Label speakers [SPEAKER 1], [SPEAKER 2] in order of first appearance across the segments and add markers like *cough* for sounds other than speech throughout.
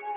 [SPEAKER 1] Makes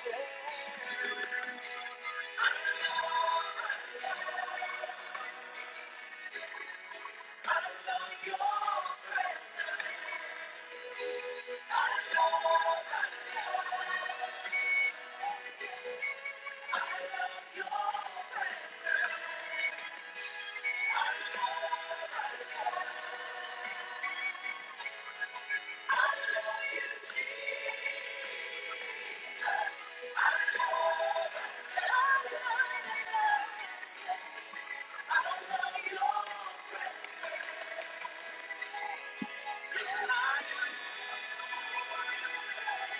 [SPEAKER 1] Thank you. Yes, I love you.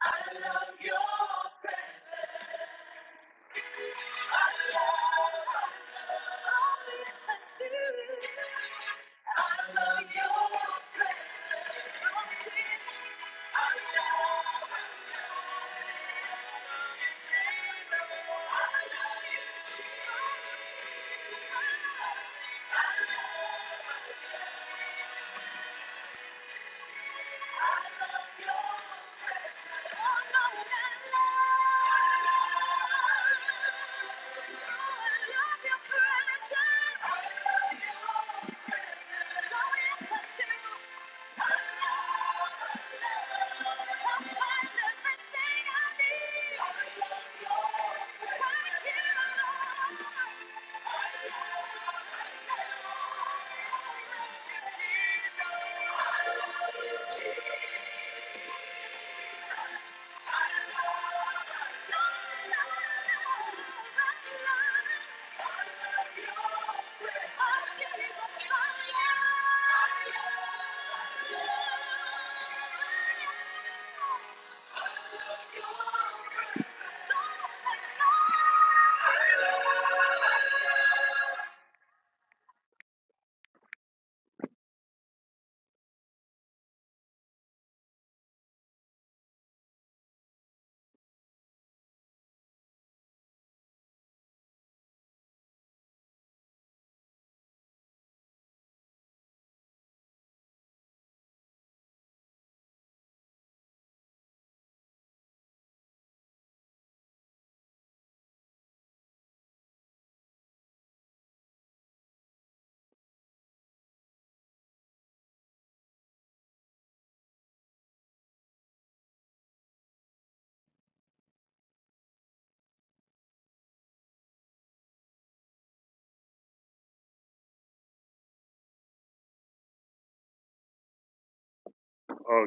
[SPEAKER 1] I love your presence. Jesus. I love your presence. I love everything I need. I love love love, your presence, everything I need Thank you. Uh,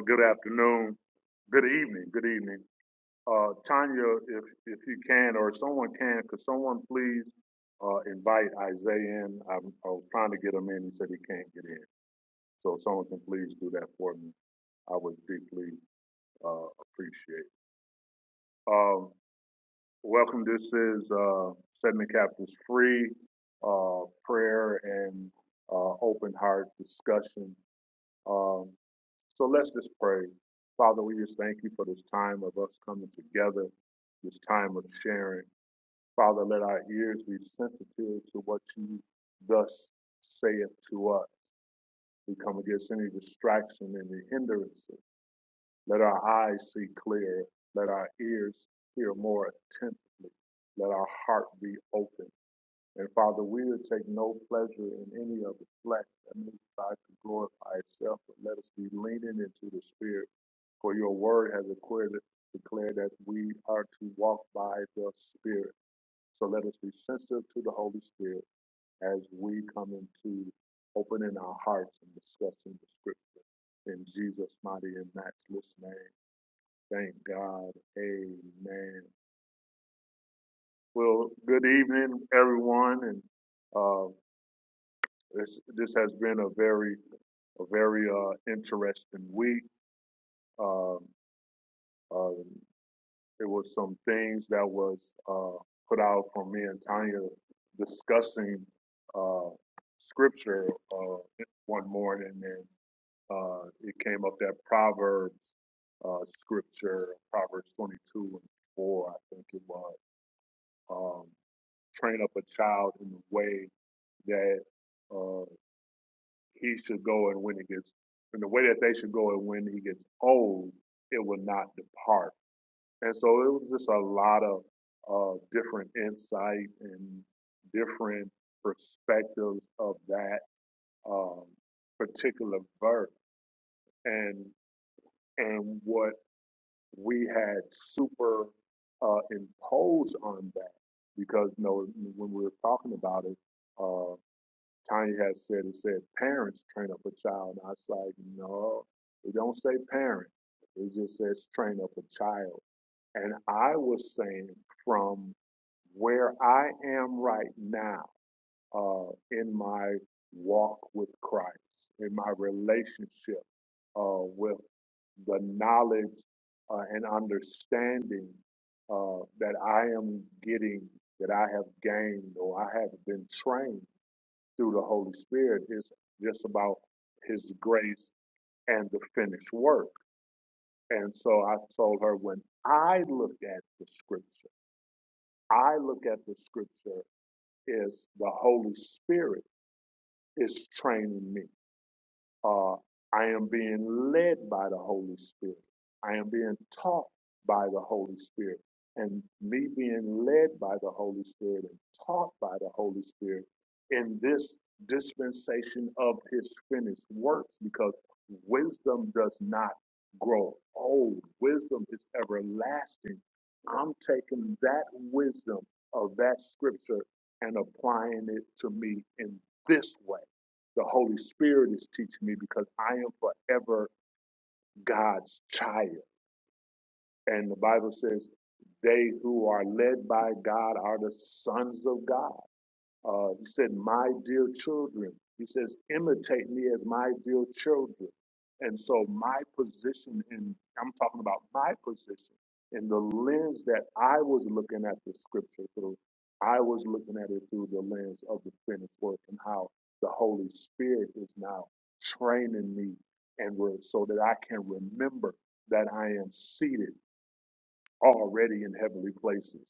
[SPEAKER 1] good afternoon. Good evening. Good evening. Uh, Tanya, if, if you can, or someone can, could someone please, uh, invite Isaiah in? I, I was trying to get him in, he said he can't get in. So if someone can please do that for me, I would deeply, uh, appreciate. it. Um, welcome, this is, uh, setting the captives free, uh, prayer and, uh, open heart discussion. Um, so let's just pray. Father, we just thank you for this time of us coming together, this time of sharing. Father, let our ears be sensitive to what you thus saith to us. We come against any distraction, any hindrances. Let our eyes see clearer. Let our ears hear more attentively. Let our heart be open. And Father, we will take no pleasure in any of the flesh that may try to glorify itself, but let us be leaning into the Spirit. For your word has declared, declared that we are to walk by the Spirit. So let us be sensitive to the Holy Spirit as we come into opening our hearts and discussing the scripture. In Jesus' mighty and matchless name, thank God. Amen. Well, good evening, everyone. And uh, this, this has been a very, a very uh, interesting week. Um, uh, It was some things that was uh, put out from me and Tanya discussing uh, scripture uh, one morning, and uh, it came up that Proverbs uh, scripture, Proverbs 22 and 4, I think it was. Um, train up a child in the way that uh, he should go, and when he gets, in the way that they should go, and when he gets old, it will not depart and so it was just a lot of uh, different insight and different perspectives of that um, particular verse, and and what we had super uh, imposed on that, because you know when we were talking about it, uh, Tanya had said it said parents train up a child, and I was like, no, it don't say parent. It just says train up a child and I was saying from where I am right now uh, in my walk with Christ, in my relationship uh, with the knowledge uh, and understanding uh, that I am getting, that I have gained, or I have been trained through the Holy Spirit is just about His grace and the finished work. And so I told her when I look at the scripture, I look at the scripture as the Holy Spirit is training me. Uh, I am being led by the Holy Spirit. I am being taught by the Holy Spirit. And me being led by the Holy Spirit and taught by the Holy Spirit in this dispensation of his finished works, because wisdom does not grow old, wisdom is everlasting. I'm taking that wisdom of that scripture and applying it to me in this way the Holy Spirit is teaching me because I am forever God's child. And the Bible says, they who are led by God are the sons of God. Uh, he said, My dear children, he says, imitate me as my dear children. And so, my position in, I'm talking about my position in the lens that I was looking at the scripture through, I was looking at it through the lens of the finished work and how the Holy Spirit is now training me and re- so that I can remember that I am seated already in heavenly places,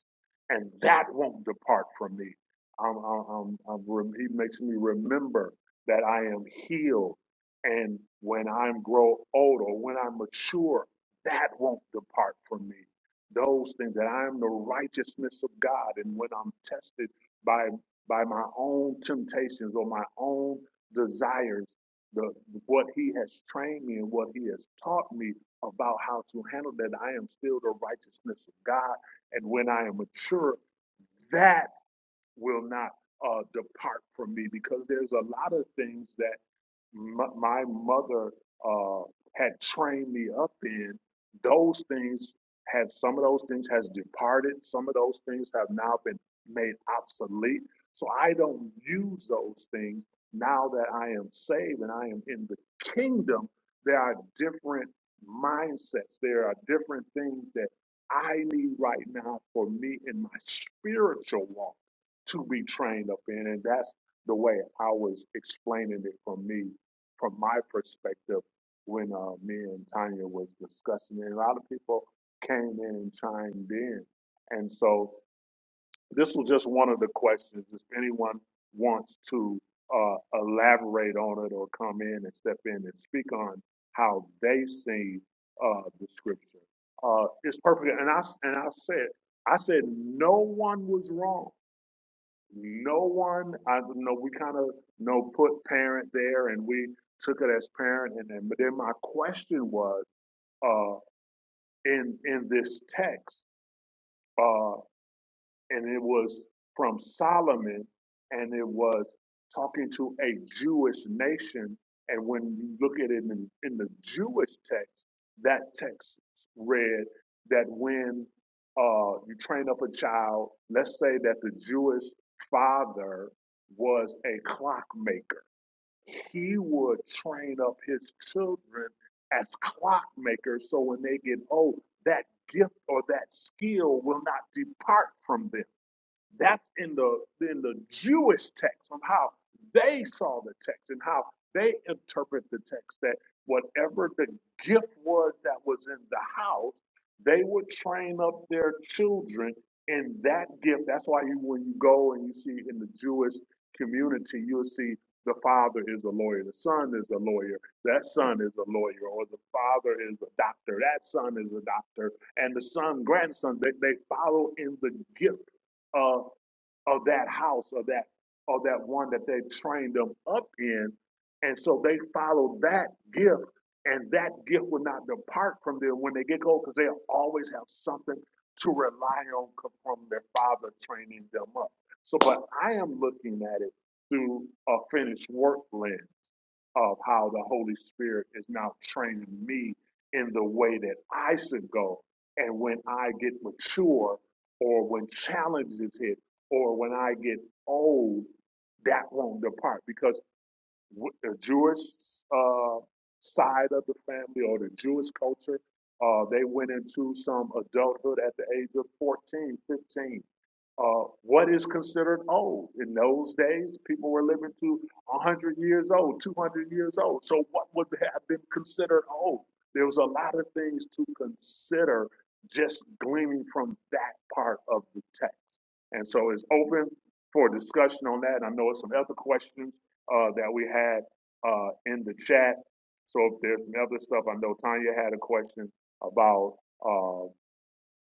[SPEAKER 1] and that won't depart from me. I'm, I'm, I'm, I'm he makes me remember that I am healed, and when I grow old or when I mature, that won't depart from me. Those things that I am the righteousness of God, and when I'm tested by by my own temptations or my own desires, the what He has trained me and what He has taught me about how to handle that. I am still the righteousness of God. And when I am mature, that will not uh, depart from me because there's a lot of things that my, my mother uh, had trained me up in those things have some of those things has departed some of those things have now been made obsolete so i don't use those things now that i am saved and i am in the kingdom there are different mindsets there are different things that i need right now for me in my spiritual walk to be trained up in and that's the way i was explaining it for me from my perspective when uh, me and Tanya was discussing it. A lot of people came in and chimed in. And so this was just one of the questions. If anyone wants to uh, elaborate on it or come in and step in and speak on how they see uh, the scripture, uh, it's perfect. And I, and I said, I said, no one was wrong no one i do know we kind of you know put parent there and we took it as parent and then but then my question was uh in in this text uh, and it was from Solomon, and it was talking to a Jewish nation. And when you look at it in, in the Jewish text, that text read that when uh, you train up a child, let's say that the Jewish father was a clockmaker, he would train up his children as clockmakers so when they get old, that gift or that skill will not depart from them that's in the in the Jewish text on how they saw the text and how they interpret the text that whatever the gift was that was in the house, they would train up their children in that gift. That's why you when you go and you see in the Jewish community, you'll see the father is a lawyer, the son is a lawyer, that son is a lawyer, or the father is a doctor, that son is a doctor, and the son, grandson, they, they follow in the gift of of that house or that or that one that they trained them up in. And so they follow that gift, and that gift will not depart from them when they get old, because they'll always have something to rely on co- from their father training them up. So, but I am looking at it through a finished work lens of how the Holy Spirit is now training me in the way that I should go. And when I get mature, or when challenges hit, or when I get old, that won't depart because w- the Jewish uh, side of the family or the Jewish culture, uh, they went into some adulthood at the age of 14, 15. Uh, what is considered old? In those days, people were living to 100 years old, 200 years old. So, what would have been considered old? There was a lot of things to consider just gleaning from that part of the text. And so it's open for discussion on that. I know some other questions uh, that we had uh, in the chat. So if there's some other stuff, I know Tanya had a question about uh,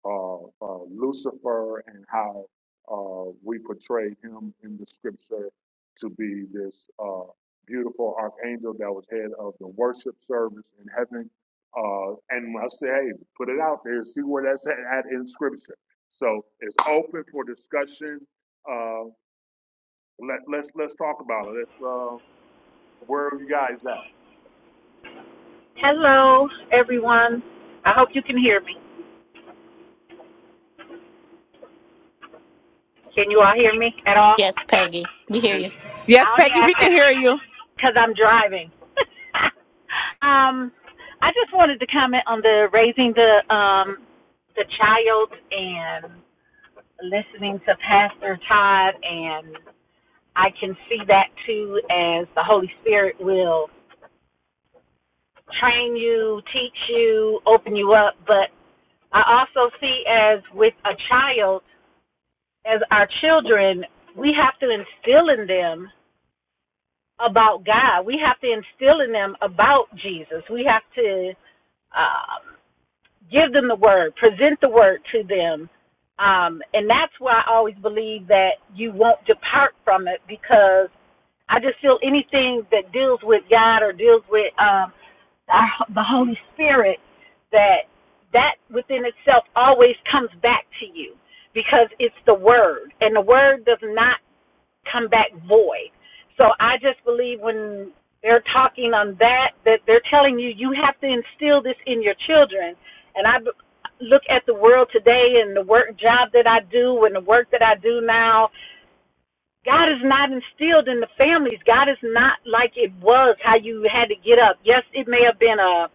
[SPEAKER 1] uh, uh, Lucifer and how uh, we portray him in the scripture to be this uh, beautiful archangel that was head of the worship service in heaven. Uh, and I say, hey, put it out there, see where that's at, in scripture. So it's open for discussion. Uh, let, let's let's talk about it. Let's uh, where are you guys at?
[SPEAKER 2] Hello, everyone. I hope you can hear me. Can you all hear me at all?
[SPEAKER 3] Yes, Peggy, we hear
[SPEAKER 1] And-
[SPEAKER 3] you.
[SPEAKER 4] Yes,
[SPEAKER 2] I only
[SPEAKER 4] Peggy,
[SPEAKER 2] ask
[SPEAKER 4] we
[SPEAKER 2] that
[SPEAKER 4] can hear you.
[SPEAKER 2] because I'm driving. *laughs* um, I just wanted to comment on the raising the um the child and listening to Pastor Todd, and I can see that too as the Holy Spirit will train you, teach you, open you up. But I also see as with a child as our children, we have to instill in them about God. We have to instill in them about Jesus. We have to um, give them the word, present the word to them. Um, and that's why I always believe that you won't depart from it because I just feel anything that deals with God or deals with um, our, the Holy Spirit, that that within itself always comes back to you because it's the word and the word does not come back void. So I just believe when they're talking on that, that they're telling you you have to instill this in your children. And I look at the world today and the work job that I do and the work that I do now. God is not instilled in the families. God is not like it was how you had to get up. Yes, it may have been a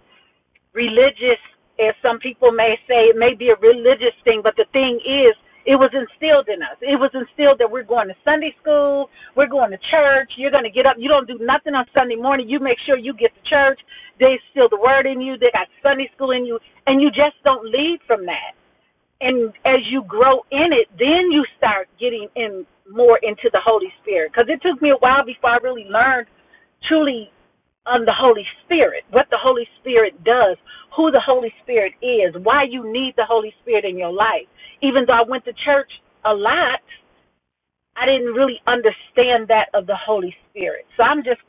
[SPEAKER 2] religious, as some people may say, it may be a religious thing, but the thing is, it was instilled in us. It was instilled that we're going to Sunday school, we're going to church, you're going to get up, you don't do nothing on Sunday morning, you make sure you get to church, they instill the word in you, they got Sunday school in you, and you just don't lead from that. And as you grow in it, then you start getting in more into the Holy Spirit. Because it took me a while before I really learned truly on the Holy Spirit, what the Holy Spirit does, who the Holy Spirit is, why you need the Holy Spirit in your life. Even though I went to church a lot, I didn't really understand that of the Holy Spirit. So I'm just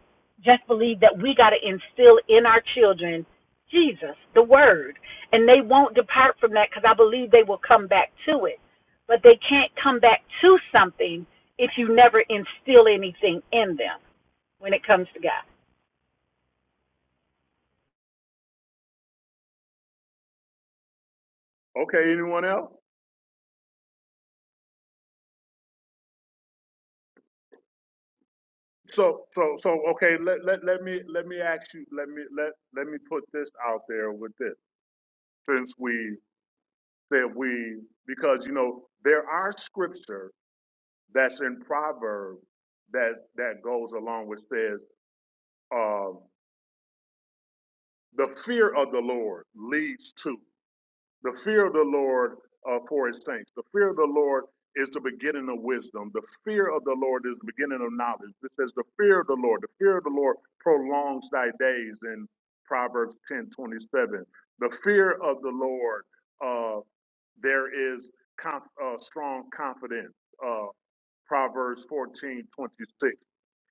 [SPEAKER 2] just believe that we got to instill in our children Jesus, the word, and they won't depart from that cuz I believe they will come back to it. But they can't come back to something if you never instill anything in them when it comes to God.
[SPEAKER 1] okay, anyone else? So so so okay, let, let, let me let me ask you let me let let me put this out there with this. Since we said we because you know there are scripture that's in Proverbs that that goes along which says uh, the fear of the Lord leads to. The fear of the Lord uh, for his saints. The fear of the Lord is the beginning of wisdom. The fear of the Lord is the beginning of knowledge. It says the fear of the Lord. The fear of the Lord prolongs thy days in Proverbs 10 27, The fear of the Lord, uh, there is conf- uh, strong confidence. Uh, Proverbs fourteen twenty six.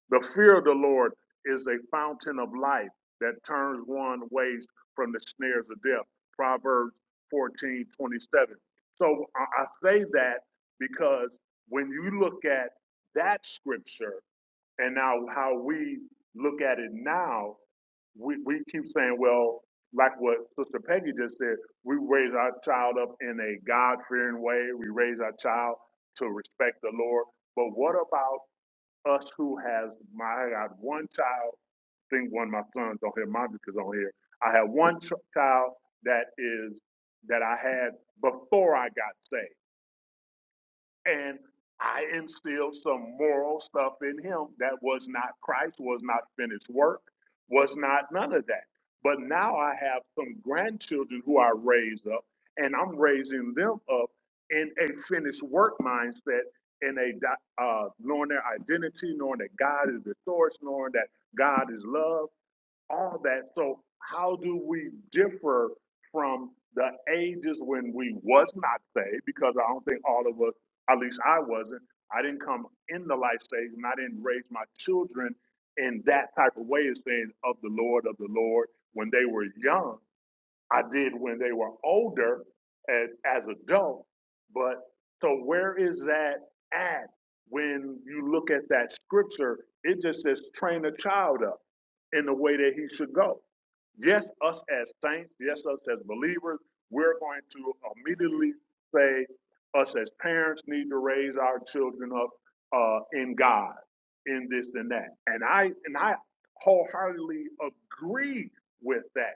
[SPEAKER 1] The fear of the Lord is a fountain of life that turns one away from the snares of death. Proverbs 14 27. So I say that because when you look at that scripture and now how we look at it now, we, we keep saying, well, like what Sister Peggy just said, we raise our child up in a God fearing way. We raise our child to respect the Lord. But what about us who has my I got one child. I think one of my sons on here, Montreux is on here. I had one ch- child that is that I had before I got saved and I instilled some moral stuff in him that was not Christ, was not finished work, was not none of that. But now I have some grandchildren who I raise up, and I'm raising them up in a finished work mindset, in a uh, knowing their identity, knowing that God is the source, knowing that God is love, all that. So how do we differ from the ages when we was not saved? Because I don't think all of us, at least I wasn't. I didn't come in the life stage, and I didn't raise my children in that type of way, as saying of the Lord, of the Lord, when they were young I did when they were older and as adult. But so where is that at when you look at that scripture? It just says train a child up in the way that he should go. Yes, us as saints, yes, us as believers, we're going to immediately say us as parents need to raise our children up uh, in God, in this and that. And I and I wholeheartedly agree with that.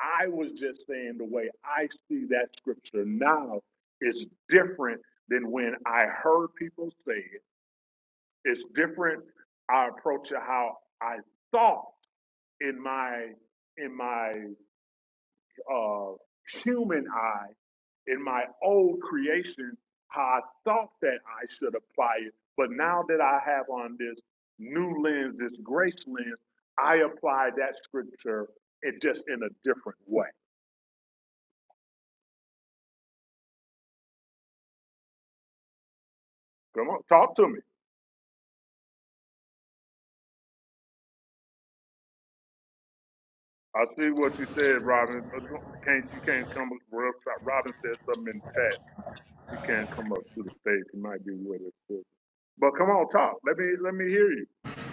[SPEAKER 1] I was just saying the way I see that scripture now is different than when I heard people say it. It's different I approach it how I thought in my in my uh, human eye, in my old creation, how I thought that I should apply it. But now that I have on this new lens, this grace lens, I apply that scripture it just in a different way. Come on, talk to me. I see what you said, Robin. Uh, don't- Can't you can't come up? Rob- Robin said something in the chat. She can't come up to the stage. She might be with us. But but come on, talk. Let me let me hear you.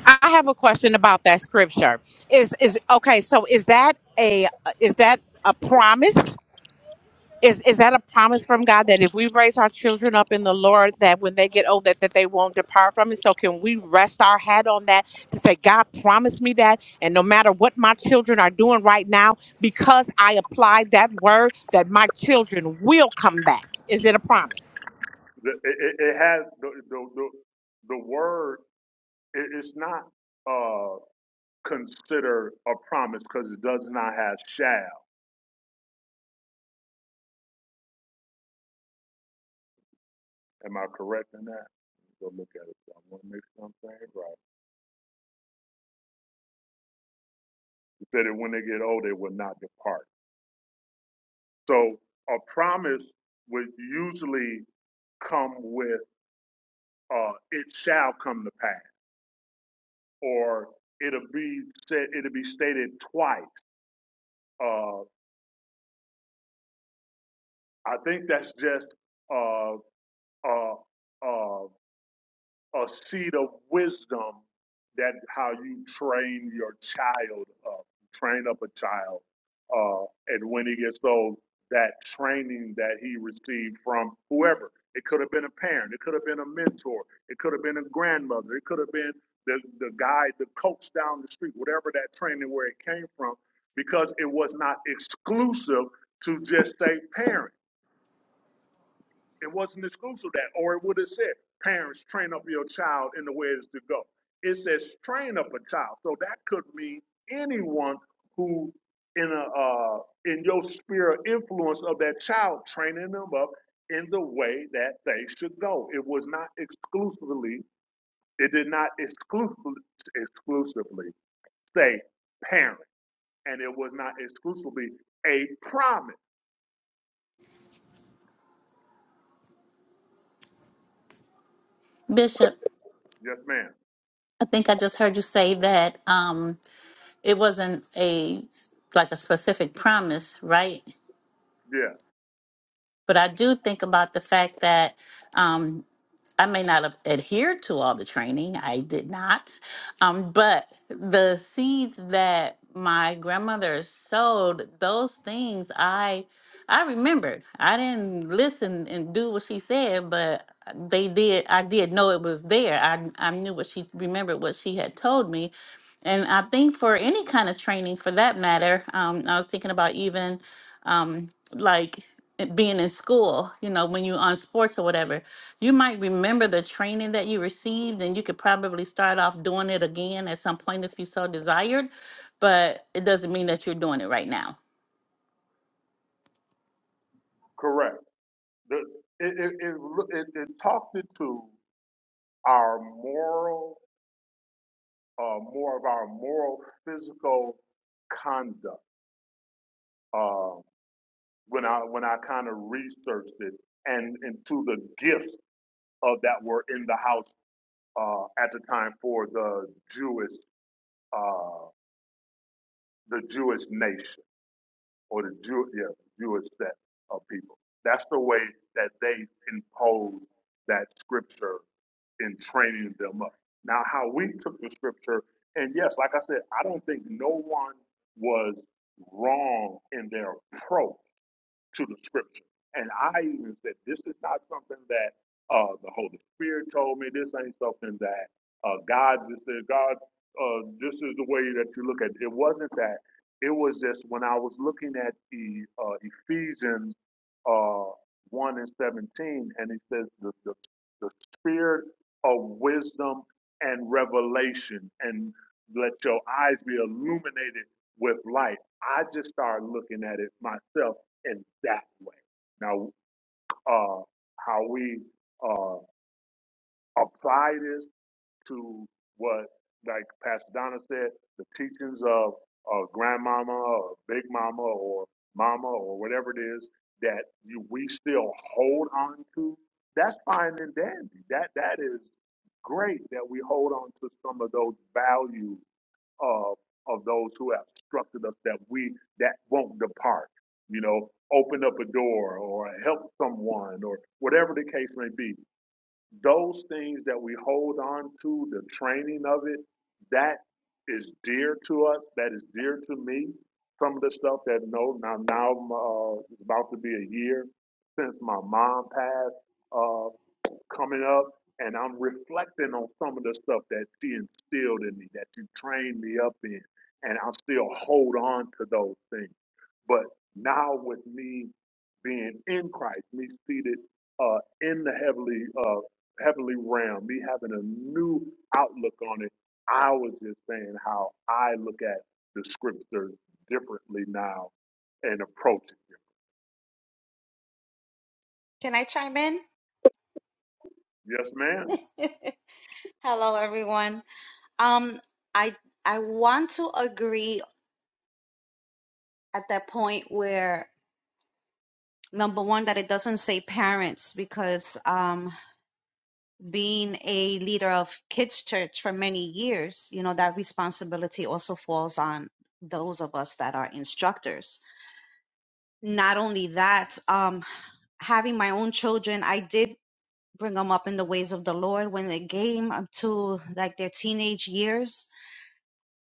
[SPEAKER 4] I have a question about that scripture. Is is okay? So is that a is that a promise? Is is that a promise from God that if we raise our children up in the Lord, that when they get old, that, that they won't depart from it? So can we rest our head on that to say, God promised me that, and no matter what my children are doing right now, because I applied that word, that my children will come back. Is it a promise?
[SPEAKER 1] The- It, it, it has the the the, the word. It, it's not uh considered a promise because it does not have shall. Am I correct in that? Go look at it. I want to make sure I'm saying it right. You said that when they get old, they will not depart. So a promise would usually come with uh, "it shall come to pass," or it'll be said, it'll be stated twice. Uh, I think that's just uh, uh, uh, a seed of wisdom that how you train your child up train up a child uh, and when he gets old that training that he received from whoever it could have been a parent it could have been a mentor it could have been a grandmother it could have been the, the guy the coach down the street whatever that training where it came from because it was not exclusive to just say parent it wasn't exclusive that, or it would have said, parents, train up your child in the ways to go. It says train up a child. So that could mean anyone who in a uh, in your sphere of influence of that child, training them up in the way that they should go. It was not exclusively, it did not exclusively exclusively say parent. And it was not exclusively a promise.
[SPEAKER 3] Bishop,
[SPEAKER 1] Yes, ma'am.
[SPEAKER 3] I think I just heard you say that um, it wasn't a like a specific promise, right?
[SPEAKER 1] Yeah,
[SPEAKER 3] But I do think about the fact that um, I may not have adhered to all the training. I did not. Um, but the seeds that my grandmother sowed, those things I I remembered. I didn't listen and do what she said, but they did I did know it was there. I I knew what she remembered what she had told me. And I think for any kind of training for that matter, um, I was thinking about even um, like it being in school, you know, when you're on sports or whatever, you might remember the training that you received and you could probably start off doing it again at some point if you so desired, but it doesn't mean that you're doing it right now.
[SPEAKER 1] correct. The, it, it, it, it, it talked it to our moral, uh, more of our moral physical conduct uh, when I when I kind of researched it and into the gifts of that were in the house uh, at the time for the Jewish uh, the Jewish nation or the Jew yeah Jewish set of people. That's the way that they imposed that scripture in training them up. Now, how we took the scripture, and yes, like I said, I don't think no one was wrong in their approach to the scripture. And I even said, this is not something that uh, the Holy Spirit told me. This ain't something that uh, God just said, God, uh, this is the way that you look at it. It wasn't that. It was just when I was looking at the uh, Ephesians uh, 1 and 17, and it says the, the, the spirit of wisdom and revelation, and let your eyes be illuminated with light. I just started looking at it myself in that way. Now, uh, how we uh, apply this to what, like Pastor Donna said, the teachings of, of grandmama or big mama or mama or whatever it is that you, we still hold on to, that's fine and dandy. That That is great that we hold on to some of those values of of those who have instructed us that we that won't depart. You know, open up a door or help someone or whatever the case may be. Those things that we hold on to, the training of it, that is dear to us. That is dear to me. Some of the stuff that no now now uh, it's about to be a year since my mom passed. Uh, coming up and I'm reflecting on some of the stuff that you instilled in me, that you trained me up in, and I still hold on to those things. But now with me being in Christ, me seated uh, in the heavenly uh, heavenly realm, me having a new outlook on it, I was just saying how I look at the scriptures differently now and approach it.
[SPEAKER 5] Can I chime in?
[SPEAKER 1] Yes, ma'am.
[SPEAKER 5] *laughs* Hello, everyone. Um, I I want to agree at that point where number one that it doesn't say parents because um, being a leader of kids church for many years, you know that responsibility also falls on those of us that are instructors. Not only that, um, having my own children, I did bring them up in the ways of the Lord when they came up to like their teenage years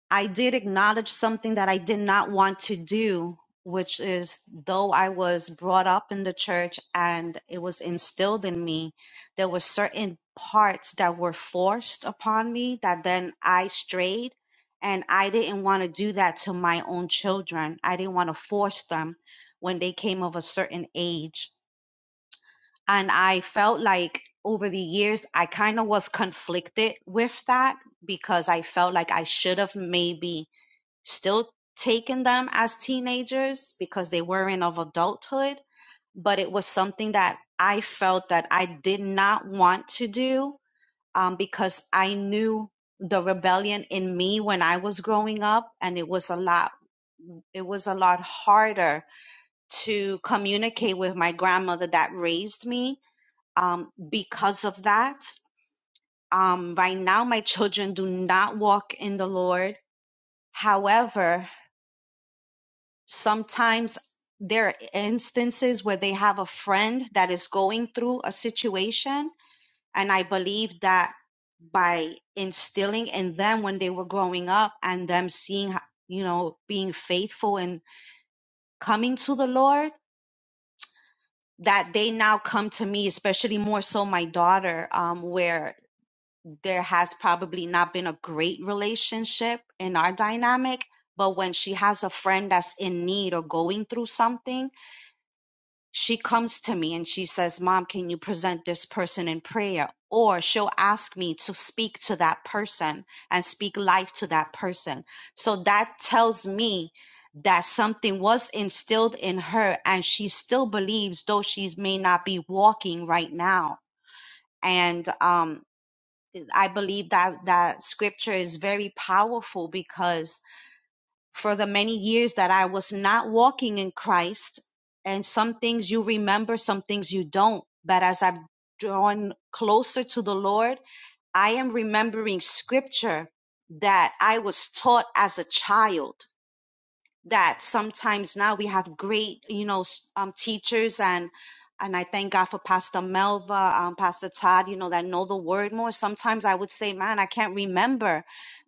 [SPEAKER 5] I did acknowledge something that I did not want to do, which is though I was brought up in the church and it was instilled in me, there were certain parts that were forced upon me that then I strayed. And I didn't want to do that to my own children. I didn't want to force them when they came of a certain age. And I felt like over the years, I kind of was conflicted with that because I felt like I should have maybe still taking them as teenagers because they weren't of adulthood, but it was something that I felt that I did not want to do um, because I knew the rebellion in me when I was growing up, and it was a lot. It was a lot harder to communicate with my grandmother that raised me um, because of that. Um, right now, my children do not walk in the Lord. However, sometimes there are instances where they have a friend that is going through a situation and i believe that by instilling in them when they were growing up and them seeing ho- you know being faithful and coming to the lord that they now come to me especially more so my daughter um, where there has probably not been a great relationship in our dynamic but when she has a friend that's in need or going through something she comes to me and she says, Mom, can you present this person in prayer? Or she'll ask me to speak to that person and speak life to that person. So that tells me that something was instilled in her and she still believes, though she may not be walking right now. And um, I believe that that scripture is very powerful because for the many years that I was not walking in Christ. And some things you remember, some things you don't. But as I've drawn closer to the Lord, I am remembering scripture that I was taught as a child that sometimes now we have great, you know, s- um, teachers and and I thank God for Pastor Melva, um, Pastor Todd, you know, that know the word more. Sometimes I would say, man, I can't remember.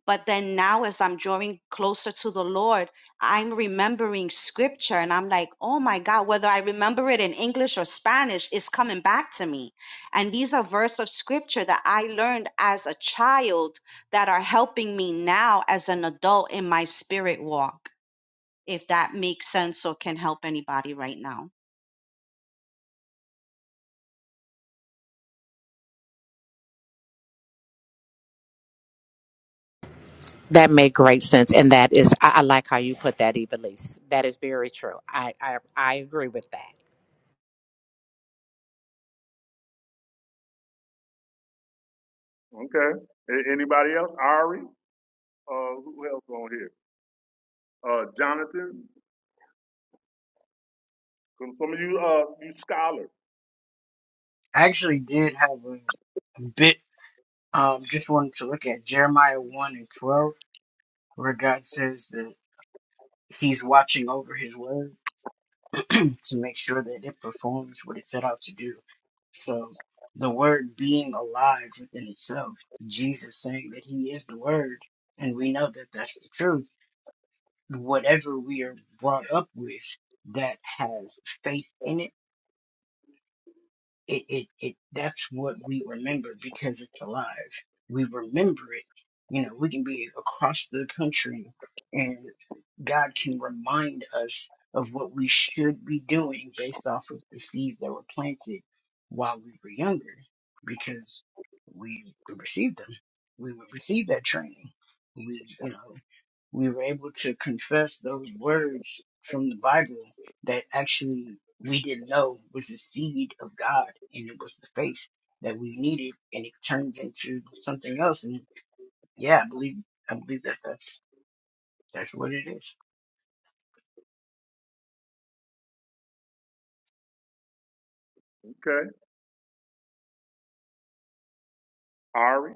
[SPEAKER 5] But then now, as I'm drawing closer to the Lord, I'm remembering scripture and I'm like, oh my God, whether I remember it in English or Spanish, it's coming back to me. And these are verses of scripture that I learned as a child that are helping me now as an adult in my spirit walk if that makes sense or can help anybody right now.
[SPEAKER 4] That made great sense, and that is I, I like how you put that, Evelise. That is very true. I, I I agree with that.
[SPEAKER 1] Okay. A- Anybody else? Ari? Uh, who else on here? Uh, Jonathan. Some of you, uh, you scholars.
[SPEAKER 6] I actually did have a, a bit. Um, just wanted to look at Jeremiah one and twelve, where God says that He's watching over His word *clears throat* to make sure that it performs what it set out to do. So the word being alive within itself, Jesus saying that He is the Word, and we know that that's the truth. Whatever we are brought up with that has faith in it it, it, it that's what we remember because it's alive. We remember it. You know, we can be across the country and God can remind us of what we should be doing based off of the seeds that were planted while we were younger because we received them. We would receive that training. We, you know, we were able to confess those words from the Bible that actually we didn't know was the seed of God and it was the faith that we needed and it turns into something else and yeah I believe I believe that that's that's what it is.
[SPEAKER 1] Okay, Ari.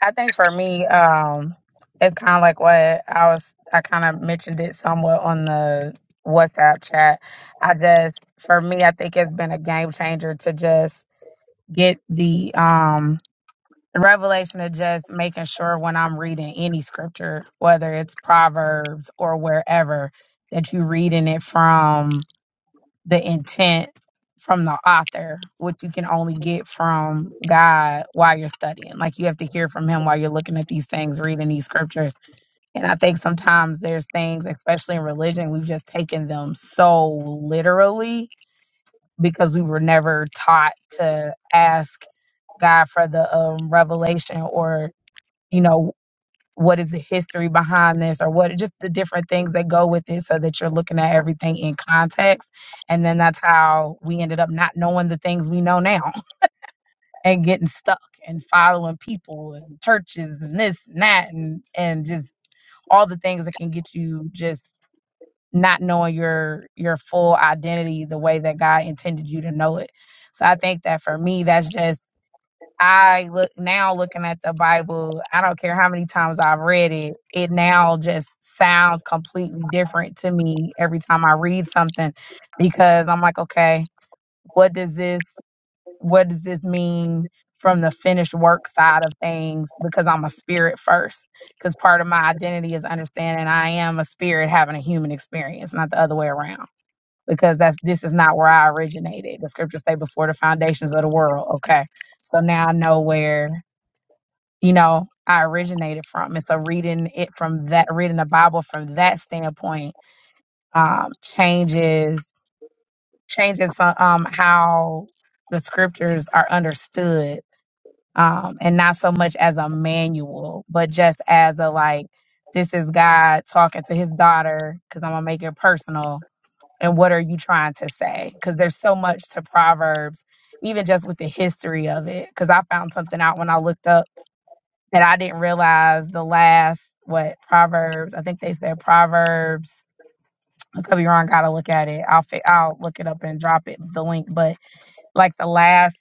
[SPEAKER 7] I think for me, um, it's kind of like what I was, I kind of mentioned it somewhat on the WhatsApp chat. I just, for me, I think it's been a game changer to just get the um, revelation of just making sure when I'm reading any scripture, whether it's Proverbs or wherever, that you reading it from the intent from the author, which you can only get from God while you're studying. Like you have to hear from Him while you're looking at these things, reading these scriptures. And I think sometimes there's things, especially in religion, we've just taken them so literally because we were never taught to ask God for the um, revelation or, you know, what is the history behind this or what just the different things that go with it so that you're looking at everything in context and then that's how we ended up not knowing the things we know now *laughs* and getting stuck and following people and churches and this and that and and just all the things that can get you just not knowing your your full identity the way that God intended you to know it so i think that for me that's just I look now looking at the Bible, I don't care how many times I've read it, it now just sounds completely different to me every time I read something because I'm like, okay, what does this what does this mean from the finished work side of things because I'm a spirit first because part of my identity is understanding I am a spirit having a human experience, not the other way around. Because that's this is not where I originated. The scriptures say before the foundations of the world. Okay. So now I know where you know, I originated from. And so reading it from that, reading the Bible from that standpoint, um, changes changes uh, um how the scriptures are understood, um, and not so much as a manual, but just as a like, this is God talking to His daughter because I'm gonna make it personal. And what are you trying to say? Because there's so much to Proverbs, even just with the history of it. Because I found something out when I looked up that I didn't realize the last what Proverbs. I think they said Proverbs. I could be wrong. Gotta look at it. I'll fi- I'll look it up and drop it the link. But like the last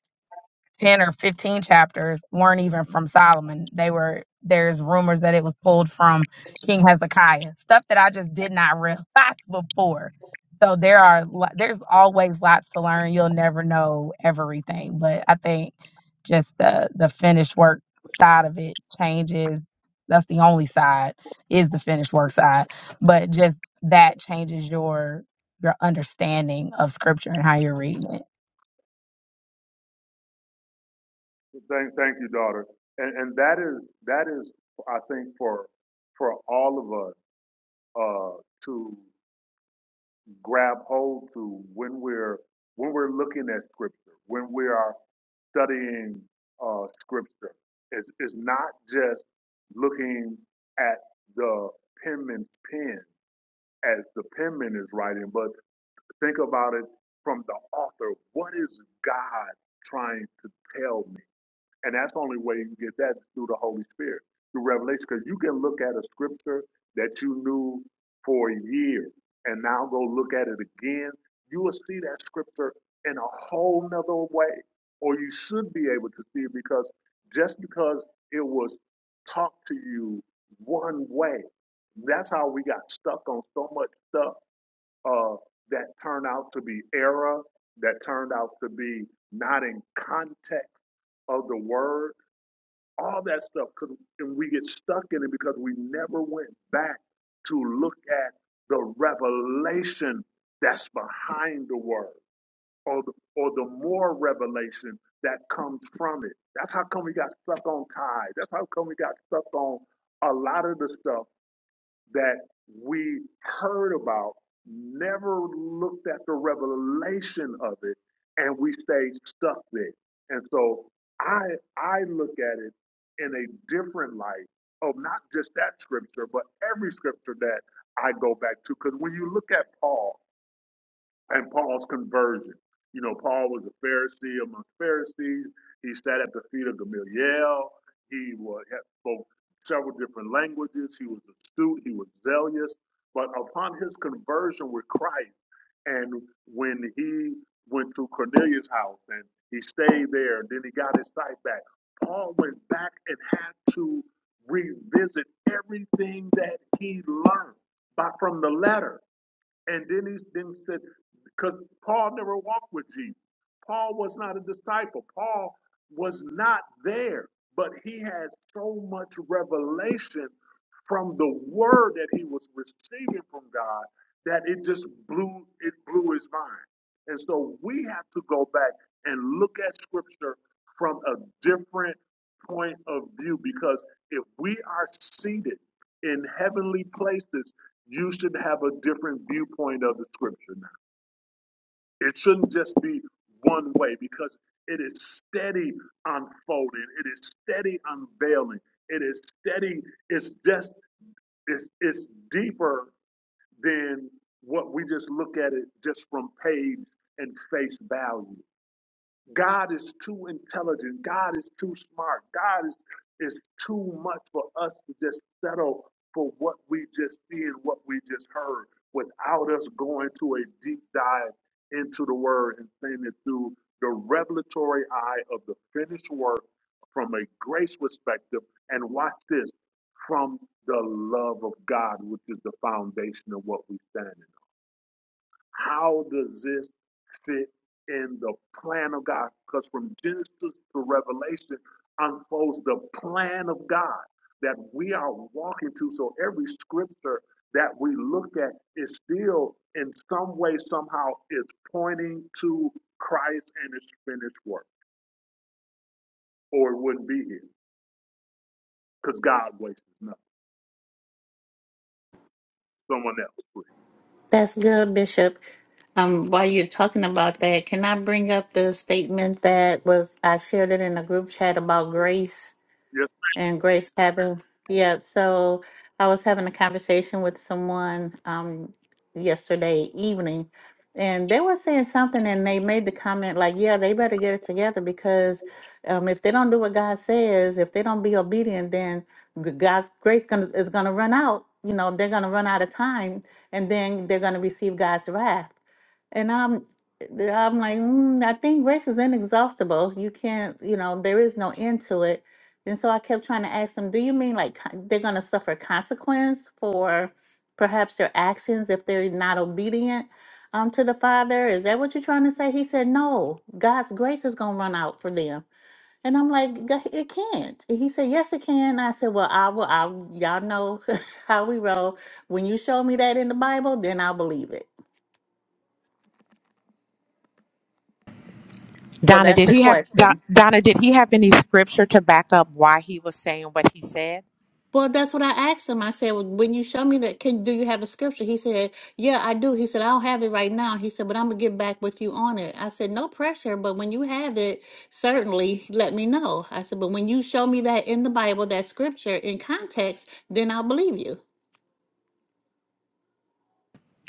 [SPEAKER 7] 10 or 15 chapters weren't even from Solomon. They were, there's rumors that it was pulled from King Hezekiah, stuff that I just did not realize *laughs* before. So there are, lo- there's always lots to learn. You'll never know everything, but I think just the, the finished work side of it changes. That's the only side is the finished work side, but just that changes your, your understanding of scripture and how you're reading it.
[SPEAKER 1] Thank, thank you, daughter. And and that is that is, I think, for for all of us uh, to grab hold to when we're when we're looking at scripture, when we are studying uh, scripture. It's, it's not just looking at the penman's pen as the penman is writing, but Think about it from the author. What is God trying to tell me? And that's the only way you can get that is through the Holy Spirit, through revelation. Because you can look at a scripture that you knew for years and now go look at it again. You will see that scripture in a whole nother way. Or you should be able to see it because just because it was taught to you one way, that's how we got stuck on so much stuff uh, that turned out to be error, that turned out to be not in context of the word, all that stuff. Cause, and we get stuck in it because we never went back to look at the revelation that's behind the word or the, or the more revelation that comes from it. That's how come we got stuck on tithe. That's how come we got stuck on a lot of the stuff that we heard about, never looked at the revelation of it, and we stay stuck there. And so I I look at it in a different light of not just that scripture, but every scripture that I go back to. Because when you look at Paul, and Paul's conversion. You know, Paul was a Pharisee among Pharisees. He sat at the feet of Gamaliel. He was, spoke several different languages. He was astute. He was zealous. But upon his conversion with Christ, and when he went to Cornelius' house and he stayed there, and then he got his sight back, Paul went back and had to revisit everything that he learned by, from the letter. And then he then said, because Paul never walked with Jesus. Paul was not a disciple. Paul was not there, but he had so much revelation from the word that he was receiving from God that it just blew it blew his mind. And so we have to go back and look at scripture from a different point of view because if we are seated in heavenly places you should have a different viewpoint of the scripture now. It shouldn't just be one way because it is steady unfolding, it is steady unveiling, it is steady, it's just it's it's deeper than what we just look at it just from page and face value. God is too intelligent. God is too smart. God is, is too much for us to just settle for what we just see and what we just heard without us going to a deep dive into the word and seeing it through the revelatory eye of the finished work from a grace perspective. And watch this from the love of God, which is the foundation of what we stand in. How does this fit in the plan of God? Because from Genesis to Revelation unfolds the plan of God that we are walking to. So every scripture that we look at is still, in some way, somehow, is pointing to Christ and His finished work, or it wouldn't be here because God wastes nothing. Someone else, please.
[SPEAKER 3] That's good, Bishop. Um, while you're talking about that, can I bring up the statement that was I shared it in the group chat about grace?
[SPEAKER 1] Yes,
[SPEAKER 3] And Grace having, yeah, so I was having a conversation with someone um yesterday evening, and they were saying something, and they made the comment like, yeah, they better get it together because um if they don't do what God says, if they don't be obedient, then g- God's grace gonna, is gonna run out. You know, they're gonna run out of time, and then they're gonna receive God's wrath. And I'm th- I'm like, mm, I think grace is inexhaustible. You can't, you know, there is no end to it and so I kept trying to ask them, do you mean like co- they're going to suffer consequence for perhaps their actions if they're not obedient um, to the Father? Is that what you're trying to say? He said, no, God's grace is going to run out for them. And I'm like, "G- it can't. And he said, yes, it can. I said, well, I will. I, y'all know *laughs* how we roll. When you show me that in the Bible, then I'll believe it. So
[SPEAKER 4] Donna,
[SPEAKER 3] that's
[SPEAKER 4] did
[SPEAKER 3] the
[SPEAKER 4] he have Do-
[SPEAKER 3] question.
[SPEAKER 4] Donna? Did he have any scripture to back up why he was saying what he said?
[SPEAKER 3] Well, that's what I asked him. I said, well, "When you show me that, can do you have a scripture?" He said, "Yeah, I do." He said, "I don't have it right now." He said, "But I'm gonna get back with you on it." I said, "No pressure, but when you have it, certainly let me know." I said, "But when you show me that in the Bible, that scripture in context, then I'll believe you."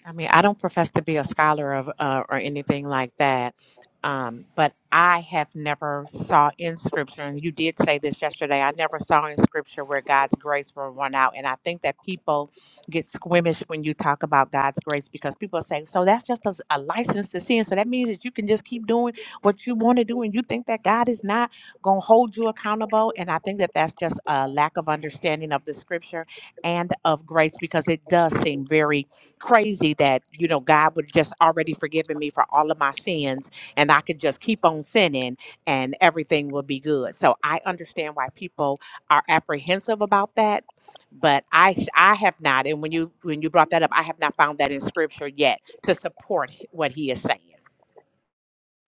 [SPEAKER 4] I mean, I don't profess to be a scholar of uh, or anything like that, um, but I have never saw in Scripture, and you did say this yesterday. I never saw in Scripture where God's grace will run out, and I think that people get squeamish when you talk about God's grace because people say, "So that's just a, s- a license to sin." So that means that you can just keep doing what you want to do, and you think that God is not going to hold you accountable. And I think that that's just a lack of understanding of the Scripture and of grace because it does seem very crazy that you know God would just already forgiven me for all of my sins and I could just keep on sinning and everything will be good. So I understand why people are apprehensive about that, but I s- I have not and when you when you brought that up, I have not found that in scripture yet to support h- what he is saying.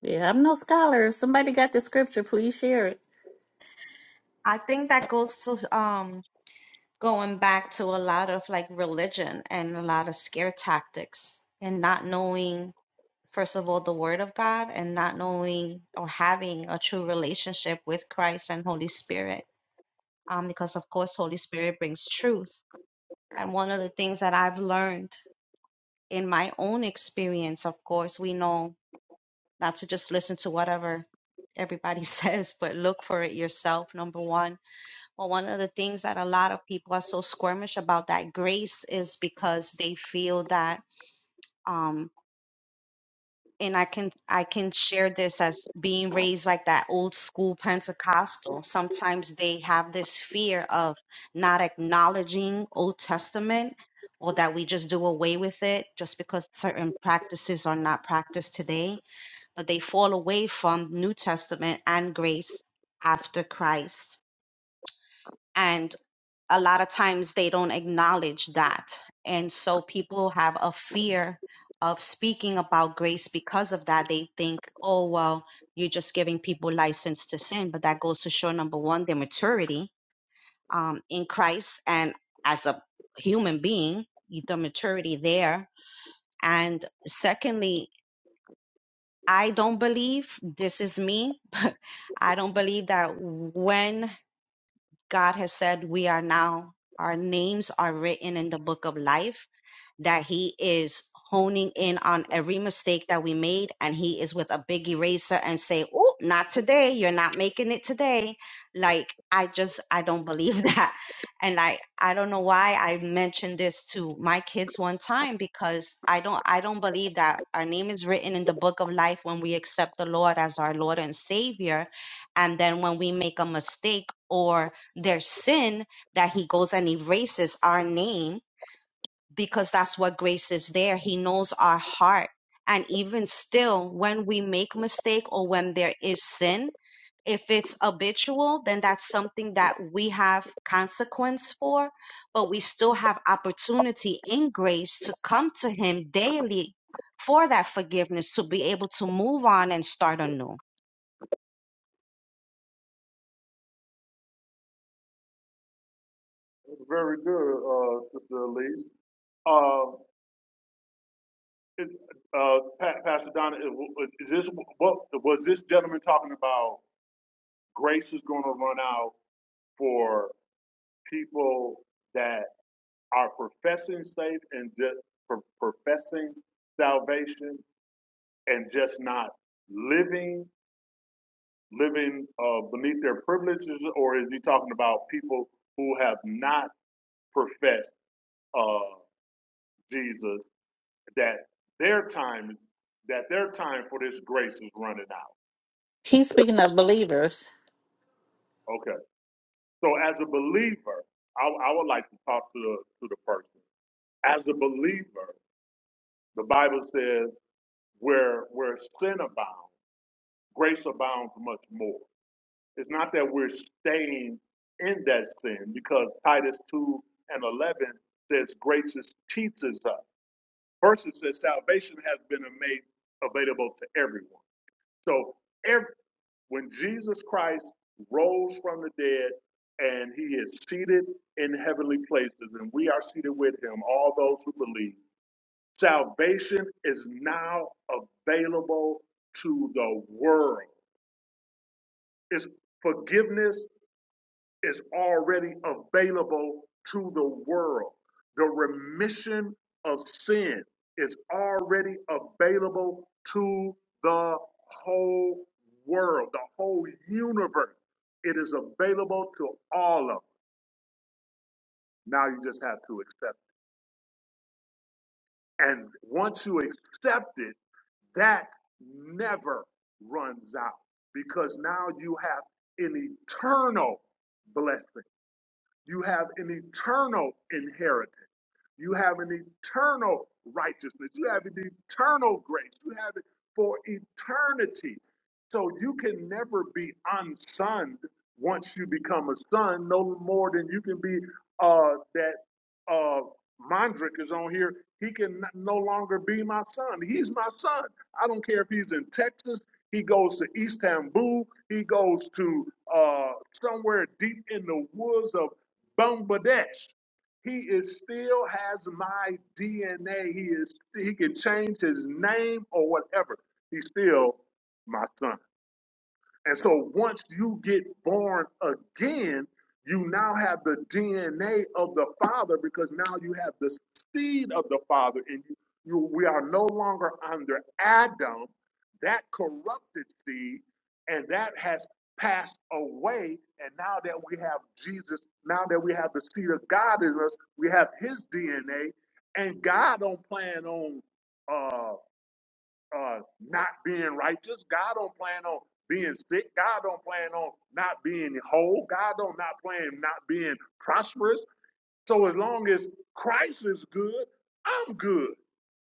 [SPEAKER 3] Yeah, I'm no scholar. If somebody got the scripture, please share it.
[SPEAKER 5] I think that goes to um going back to a lot of like religion and a lot of scare tactics and not knowing first of all the word of God and not knowing or having a true relationship with Christ and Holy Spirit. Um because of course Holy Spirit brings truth. And one of the things that I've learned in my own experience, of course, we know not to just listen to whatever everybody *laughs* says, but look for it yourself, number one. Well, one of the things that a lot of people are so squirmish about that grace is because they feel that um and I can I can share this as being raised like that old school Pentecostal. Sometimes they have this fear of not acknowledging Old Testament or that we just do away with it just because certain practices are not practiced today but they fall away from New Testament and grace after Christ. And a lot of times they don't acknowledge that. And so people have a fear of speaking about grace because of that. They think, oh, well, you're just giving people license to sin. But that goes to show number one, their maturity um, in Christ and as a human being, the maturity there. And secondly, I don't believe this is me, *laughs* but I don't believe that when God has said we are now, our names are written in the book of life, that He is honing in on every mistake that we made, and He is with a big eraser and say, Oh, not today. You're not making it today. Like, I just, I don't believe *laughs* that. And I, I don't know why I mentioned this to my kids one time because I don't, I don't believe that our name is written in the book of life when we accept the Lord as our Lord and Savior. And then when we make a mistake or their sin that he goes and erases our name because that's what grace is there. He knows our heart. And even still, when we make mistake or when there is sin, if it's habitual, then that's something that we have consequence for, but we still have opportunity in grace to come to him daily for that forgiveness, to be able to move on and start anew.
[SPEAKER 1] very good, uh, Sister Elise. Uh, Is, uh, Pastor Donna, is is this, what, was this gentleman talking about grace is gonna run out for people that are professing faith and just professing salvation and just not living, living, uh, beneath their privileges? Or is he talking about people who have not professed, uh, Jesus, that their time, that their time for this grace is running out?
[SPEAKER 3] He's speaking of believers.
[SPEAKER 1] Okay. So as a believer, I, I would like to talk to the to the person. As a believer, the Bible says where where sin abounds, grace abounds much more. It's not that we're staying in that sin because Titus two and eleven says grace teaches us. Verses says salvation has been made available to everyone. So every when Jesus Christ rose from the dead and he is seated in heavenly places and we are seated with him, all those who believe, salvation is now available to the world. It's forgiveness is already available to the world. The remission of sin is already available to the whole world, the whole universe. It is available to all of us. Now you just have to accept it. And once you accept it, that never runs out because now you have an eternal blessing. You have an eternal inheritance. You have an eternal righteousness. You have an eternal grace. You have it for eternity. So you can never be unsonned once you become a son, no more than you can be uh, that uh, Mondrick is on here. He can no longer be my son. He's my son. I don't care if he's in Texas. He goes to East Tamboo. He goes to uh, somewhere deep in the woods of Bangladesh. He is still has my DNA. He is he can change his name or whatever. He's still my son. And so once you get born again, you now have the DNA of the Father because now you have the seed of the Father in you. you we are no longer under Adam, that corrupted seed, and that has passed away. And now that we have Jesus, now that we have the seed of God in us, we have his DNA. And God don't plan on uh, uh, not being righteous. God don't plan on being sick. God don't plan on not being whole. God don't not plan not being prosperous. So as long as Christ is good, I'm good.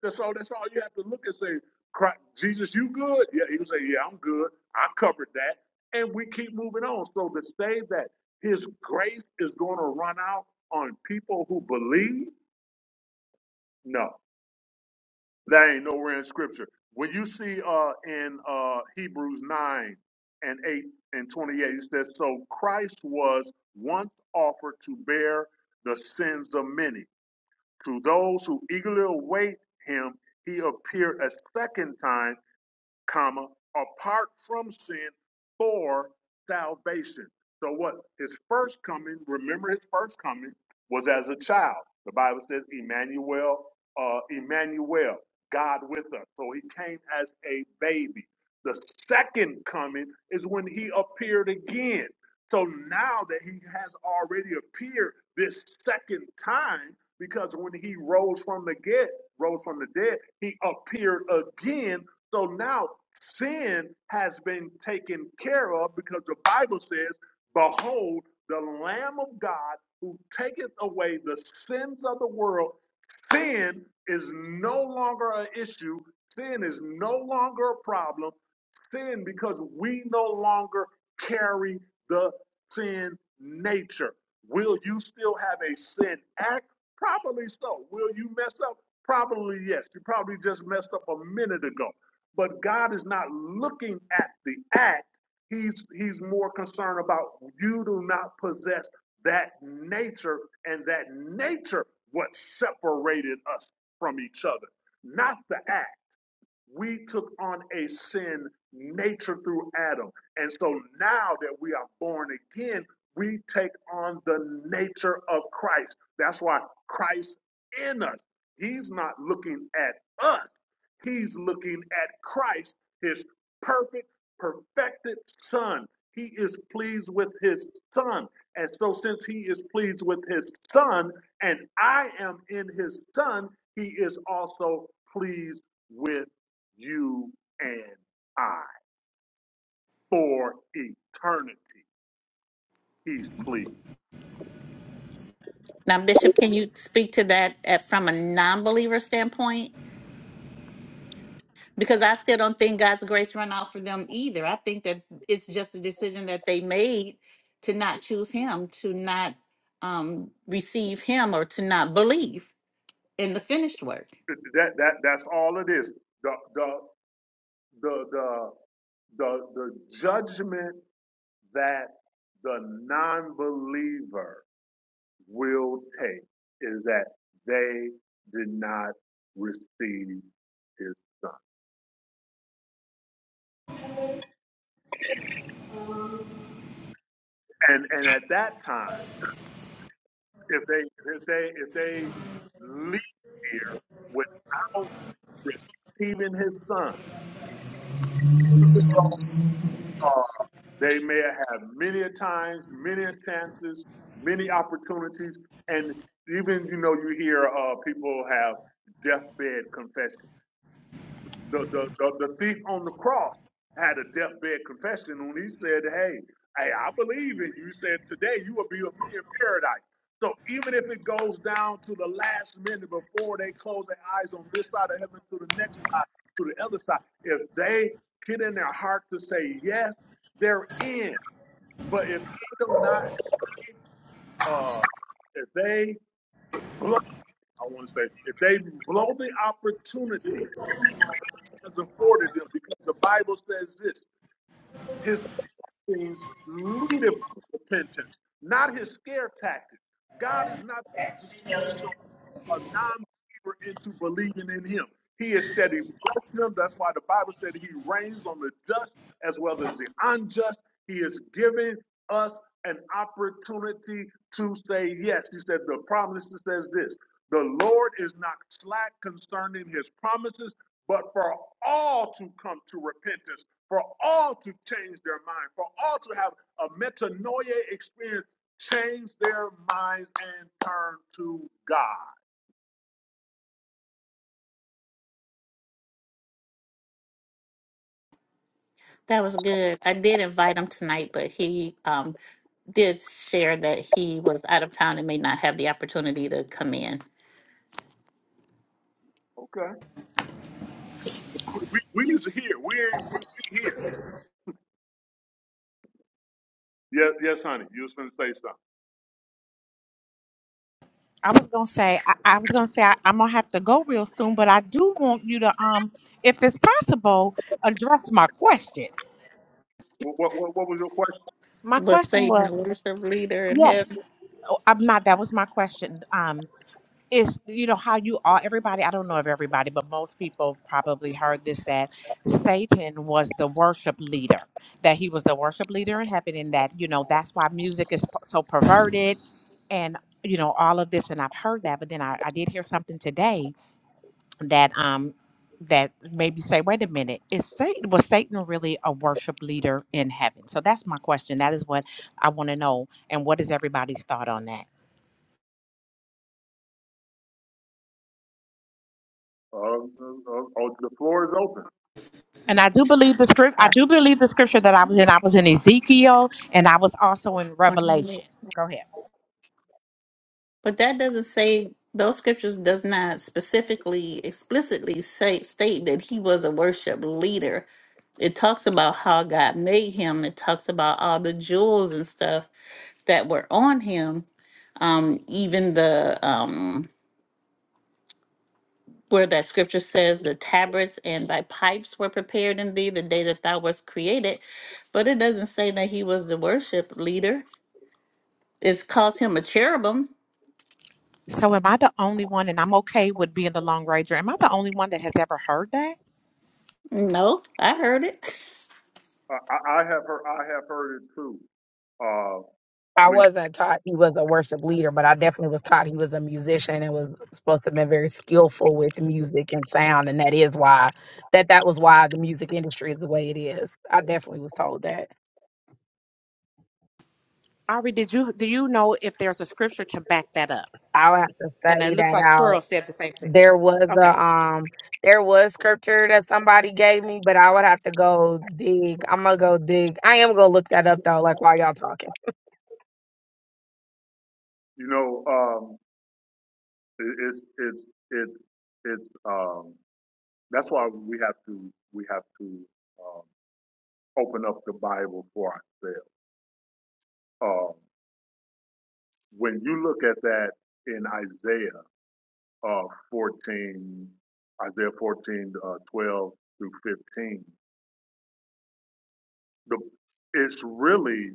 [SPEAKER 1] That's all. That's all you have to look and say, "Christ- Jesus, you good? Yeah, he will say, yeah, I'm good. I covered that, and we keep moving on. So to say that His grace is going to run out on people who believe, no. That ain't nowhere in scripture. When you see uh in uh Hebrews 9 and 8 and 28, it says, So Christ was once offered to bear the sins of many. To those who eagerly await him, he appeared a second time comma, apart from sin for salvation. So what? His first coming, remember his first coming was as a child. The Bible says Emmanuel, uh, Emmanuel, God with us. So he came as a baby. The second coming is when he appeared again. So now that he has already appeared this second time, because when he rose from the get, rose from the dead, he appeared again. So now sin has been taken care of because the Bible says, Behold, the Lamb of God who taketh away the sins of the world. Sin is no longer an issue, sin is no longer a problem sin because we no longer carry the sin nature. Will you still have a sin act? Probably so. Will you mess up? Probably yes. You probably just messed up a minute ago. But God is not looking at the act. He's he's more concerned about you do not possess that nature and that nature what separated us from each other, not the act we took on a sin nature through Adam. And so now that we are born again, we take on the nature of Christ. That's why Christ in us. He's not looking at us, he's looking at Christ, his perfect, perfected Son. He is pleased with his Son. And so, since he is pleased with his Son, and I am in his Son, he is also pleased with you and I for eternity. He's pleased.
[SPEAKER 3] Now, Bishop, can you speak to that at, from a non-believer standpoint? because I still don't think God's grace run out for them either. I think that it's just a decision that they made to not choose Him, to not um, receive Him, or to not believe in the finished work.
[SPEAKER 1] That that that's all it is. The the the the the, the judgment that the non-believer will take is that they did not receive his son. And and at that time, if they if they if they leave here without receiving his son, even though Uh, they may have many a times, many a chances, many opportunities, and even you know you hear uh, people have deathbed confessions the, the, the, the thief on the cross had a deathbed confession when he said, Hey, hey, I believe in you. He said, Today you will be with me in paradise. So even if it goes down to the last minute before they close their eyes on this side of heaven to the next side, to the other side, if they get in their heart to say yes, they're in. But if they do not uh if they blow, I want to say, if they blow the opportunity that's afforded them, because the Bible says this. his things needed for repentance, not his scare tactic. God is not to scare someone, a non-believer into believing in him. He is steady blessing them. That's why the Bible said he reigns on the just as well as the unjust. He is giving us an opportunity to say yes. He said the promise says this. The Lord is not slack concerning his promises, but for all to come to repentance for all to change their mind, for all to have a metanoia experience, change their minds and turn to God.
[SPEAKER 3] That was good. I did invite him tonight, but he um, did share that he was out of town and may not have the opportunity to come in.
[SPEAKER 1] Okay. We, we, we is here. We're, we we here. Yes, yes, honey. You was going to say something.
[SPEAKER 4] I was gonna say I, I was gonna say I, I'm gonna have to go real soon, but I do want you to um, if it's possible, address my question.
[SPEAKER 1] What, what, what was your question?
[SPEAKER 4] My
[SPEAKER 3] Was
[SPEAKER 4] question
[SPEAKER 3] Satan the
[SPEAKER 4] was
[SPEAKER 3] worship leader in
[SPEAKER 4] yes,
[SPEAKER 3] heaven?
[SPEAKER 4] oh, I'm not. That was my question. Um, is you know how you all everybody I don't know if everybody, but most people probably heard this that Satan was the worship leader, that he was the worship leader in heaven, and that you know that's why music is p- so perverted, and you know all of this, and I've heard that, but then I, I did hear something today that um that maybe say, wait a minute, is Satan was Satan really a worship leader in heaven? So that's my question. That is what I want to know. And what is everybody's thought on that?
[SPEAKER 1] Uh, uh, uh, oh, the floor is open.
[SPEAKER 4] And I do believe the script I do believe the scripture that I was in, I was in Ezekiel and I was also in Revelation. Go ahead.
[SPEAKER 3] But that doesn't say those scriptures does not specifically explicitly say state that he was a worship leader. It talks about how God made him. It talks about all the jewels and stuff that were on him. Um, even the um where that scripture says the tabrets and thy pipes were prepared in thee the day that thou wast created, but it doesn't say that he was the worship leader. It's calls him a cherubim.
[SPEAKER 4] So am I the only one and I'm okay with being the long ranger? Am I the only one that has ever heard that?
[SPEAKER 3] No, I heard it.
[SPEAKER 1] I, I I have heard. I have heard it too. Uh,
[SPEAKER 7] I
[SPEAKER 1] when
[SPEAKER 7] wasn't taught he was a worship leader, but I definitely was taught he was a musician and was supposed to have been very skillful with music and sound, and that is why that that was why the music industry is the way it is. I definitely was told that.
[SPEAKER 4] Ari, did you do you know if there's a scripture to back that up?
[SPEAKER 7] I'll have to
[SPEAKER 4] And it
[SPEAKER 7] study
[SPEAKER 4] looks
[SPEAKER 7] that
[SPEAKER 4] like
[SPEAKER 7] out.
[SPEAKER 4] Cheryl said the same thing.
[SPEAKER 7] There was
[SPEAKER 4] Okay.
[SPEAKER 7] a um there was scripture that somebody gave me, but I would have to go dig. I'm gonna go dig. I am gonna look that up though, like while y'all talking.
[SPEAKER 1] you know, um, it, it's it's it's it's um, that's why we have to we have to. um, open up the Bible for ourselves. Um, when you look at that in Isaiah uh, 14, Isaiah 14, uh, 12 through 15, the, it's really,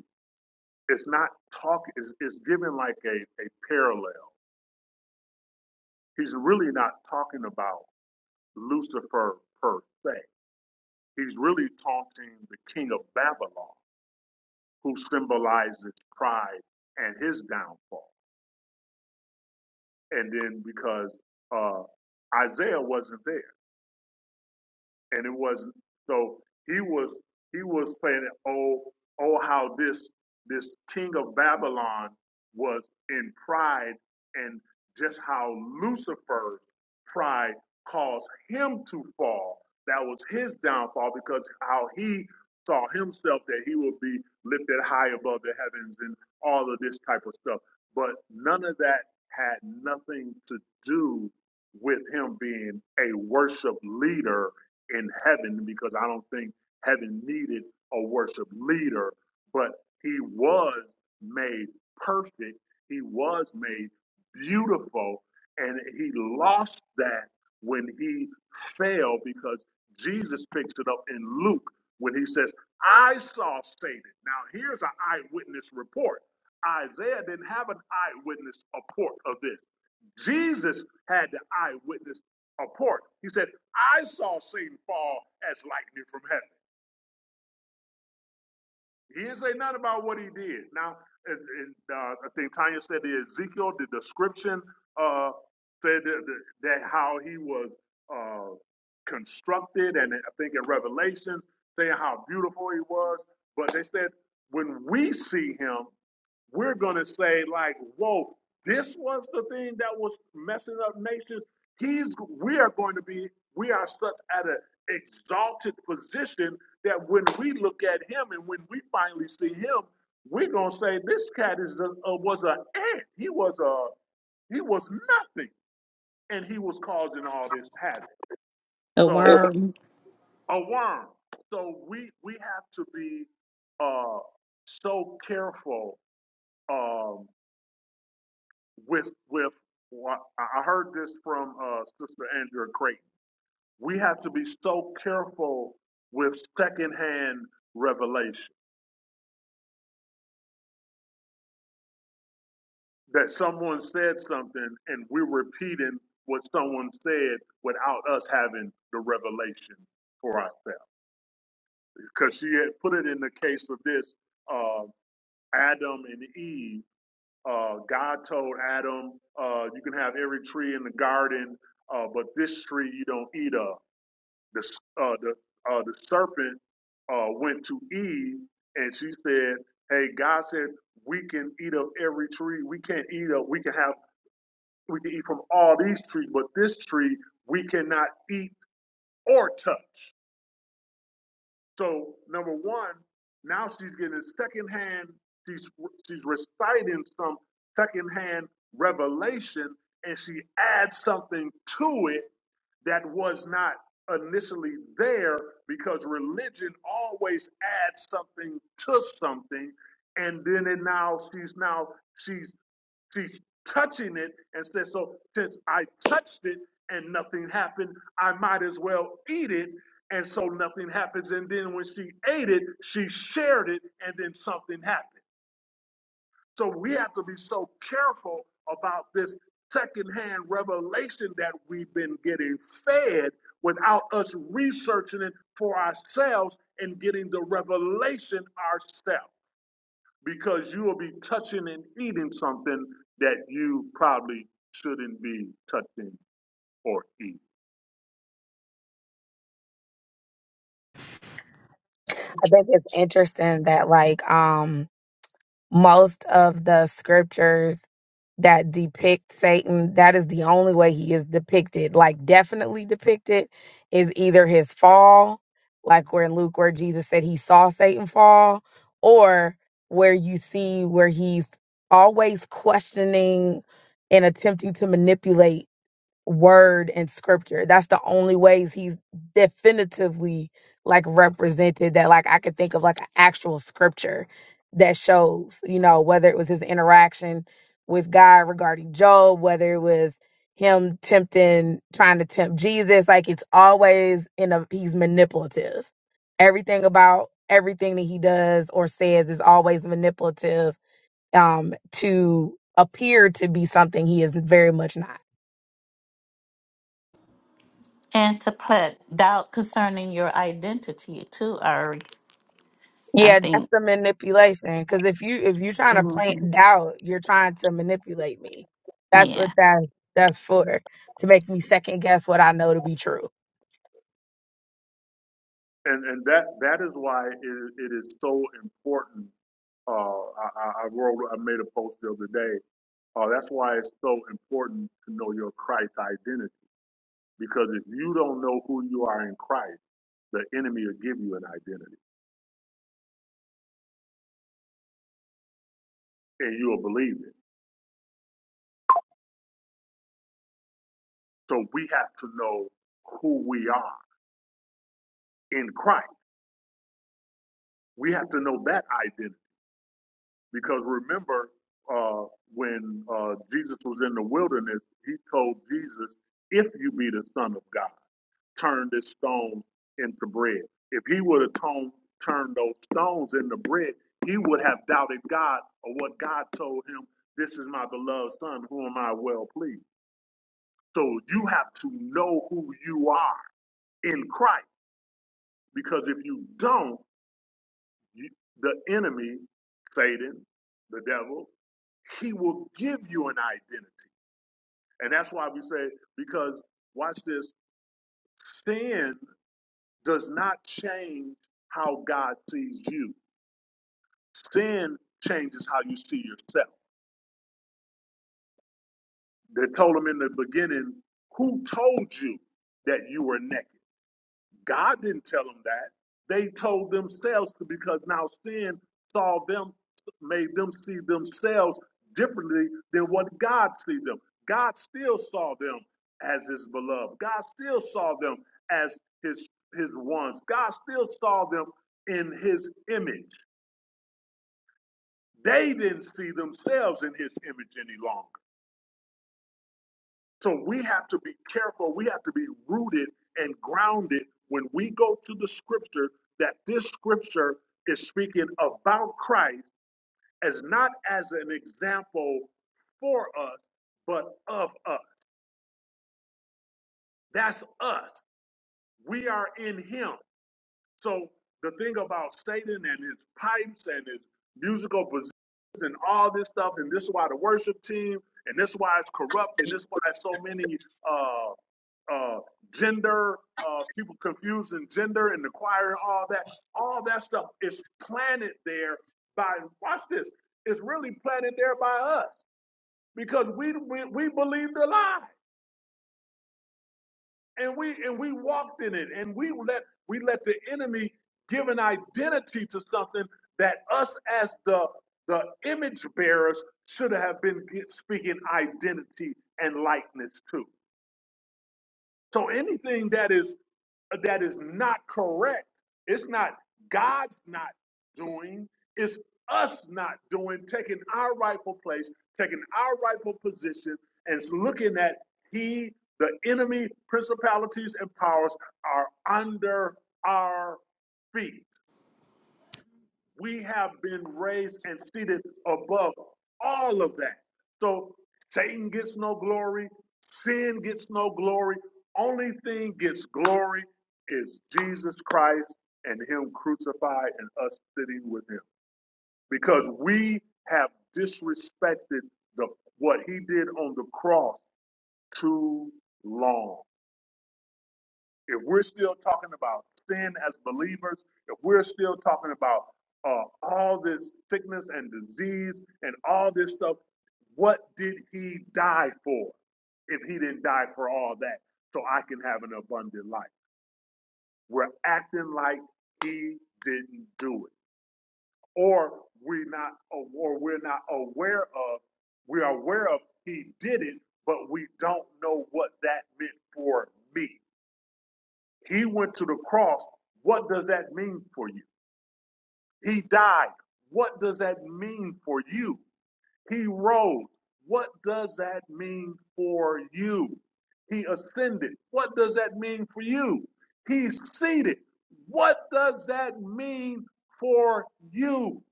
[SPEAKER 1] it's not talking, it's, it's given like a, a parallel. He's really not talking about Lucifer per se. He's really taunting the king of Babylon, who symbolizes pride and his downfall. and then because uh, Isaiah wasn't there and it wasn't. So he was he was playing it. Oh oh, how this this king of Babylon was in pride, and just how Lucifer's pride caused him to fall. That was his downfall because how he saw himself that he would be lifted high above the heavens and all of this type of stuff. But none of that had nothing to do with him being a worship leader in heaven because I don't think heaven needed a worship leader, but he was made perfect. He was made beautiful. And he lost that when he fell because Jesus picks it up in Luke when he says, I saw Satan. Now, here's an eyewitness report. Isaiah didn't have an eyewitness report of this. Jesus had the eyewitness report. He said, I saw Satan fall as lightning from heaven. He didn't say nothing about what he did. Now, and, and, uh, I think Tanya said the Ezekiel, the description uh, said that, that how he was uh, constructed, and I think in Revelations, saying how beautiful he was. But they said when we see him, we're going to say like whoa this was the thing that was messing up nations he's we are going to be we are such at an exalted position that when we look at him and when we finally see him we're going to say this cat is a, a, was an ant he was a he was nothing and he was causing all this havoc
[SPEAKER 3] *laughs* A
[SPEAKER 1] so
[SPEAKER 3] worm.
[SPEAKER 1] a worm so we we have to be uh so careful um, with with what I I heard this from uh, Sister Andrea Creighton. We have to be so careful with secondhand revelation that someone said something and we're repeating what someone said without us having the revelation for ourselves. Because she had put it in the case of this uh, Adam and Eve. Uh, God told Adam, uh, "You can have every tree in the garden, uh, but this tree you don't eat of." the uh, the uh, the serpent uh, went to Eve and she said, "Hey, God said we can eat of every tree. We can't eat of. We can have. We can eat from all these trees, but this tree we cannot eat or touch." So number one, now she's getting secondhand. She's she's reciting some secondhand revelation, and she adds something to it that was not initially there because religion always adds something to something and then it now she's now she's she's touching it and says so since i touched it and nothing happened i might as well eat it and so nothing happens and then when she ate it she shared it and then something happened so we have to be so careful about this secondhand revelation that we've been getting fed without us researching it for ourselves and getting the revelation ourselves because you will be touching and eating something that you probably shouldn't be touching or eating.
[SPEAKER 7] I think it's interesting that like um most of the scriptures that depict Satan, that is the only way he is depicted. Like definitely depicted is either his fall, like where in Luke where Jesus said he saw Satan fall, or where you see where he's always questioning and attempting to manipulate word and scripture. That's the only ways he's definitively like represented that like I could think of like an actual scripture that shows, you know, whether it was his interaction with God regarding Job, whether it was him tempting trying to tempt Jesus, like it's always in a he's manipulative. Everything about everything that he does or says is always manipulative um to appear to be something he is very much not.
[SPEAKER 3] And to put doubt concerning your identity too, or I
[SPEAKER 7] Yeah, that's
[SPEAKER 3] think,
[SPEAKER 7] the manipulation. Because if you if you're trying to plant
[SPEAKER 3] Mhm.
[SPEAKER 7] doubt, you're trying to manipulate me. That's what
[SPEAKER 3] yeah,
[SPEAKER 7] that that's for to make me second guess what I know to be true.
[SPEAKER 1] And, and that, that is why it, it is so important uh, I, I I wrote, I made a post the other day Uh, that's why it's so important to know your Christ identity. Because if you don't know who you are in Christ, the enemy will give you an identity and you'll believe it. So we have to know who we are in Christ. We have to know that identity. Because remember, uh, when uh, Jesus was in the wilderness, he told Jesus, If you be the Son of God. turn this stone into bread. If he would have tone, turned those stones into bread, he would have doubted God or what God told him, This is my beloved son, Who am I well pleased. So you have to know who you are in Christ, because if you don't, you, the enemy, Satan, the devil, he will give you an identity. And that's why we say, because watch this, sin does not change how God sees you. Sin changes how you see yourself. They told him in the beginning, Who told you that you were naked? God didn't tell them that. They told themselves because now sin saw them, made them see themselves differently than what God sees them. God still saw them as his beloved. God still saw them as his his ones. God still saw them in his image. They didn't see themselves in his image any longer. So we have to be careful. We have to be rooted and grounded when we go to the scripture that this scripture is speaking about Christ as not as an example for us, but of us. That's us. We are in Him. So the thing about Satan and his pipes and his musical positions and all this stuff, and this is why the worship team, and this is why it's corrupt, and this is why so many. uh, uh, gender, uh, people confusing gender and the choir and all that. All that stuff is planted there by, watch this, it's really planted there by us because we, we, we believed the lie and we, and we walked in it and we let, we let the enemy give an identity to something that us as the, the image bearers should have been speaking identity and likeness to. So anything that is that is not correct. It's not God's not doing, it's us not doing, taking our rightful place, taking our rightful position, and looking at He, the enemy, principalities, and powers are under our feet we have been raised and seated above all of that. So Satan gets no glory, sin gets no glory. Only thing gets glory is Jesus Christ and Him crucified and us sitting with Him. Because we have disrespected the what He did on the cross too long if we're still talking about sin as believers, if we're still talking about uh, all this sickness and disease and all this stuff, what did he die for if he didn't die for all that so I can have an abundant life? We're acting like he didn't do it, or we're not, or we're not aware of. We are aware of he did it, but we don't know what that meant for me. He went to the cross. What does that mean for you? He died. What does that mean for you? He rose. What does that mean for you? He ascended. What does that mean for you? He's seated. What does that mean for you?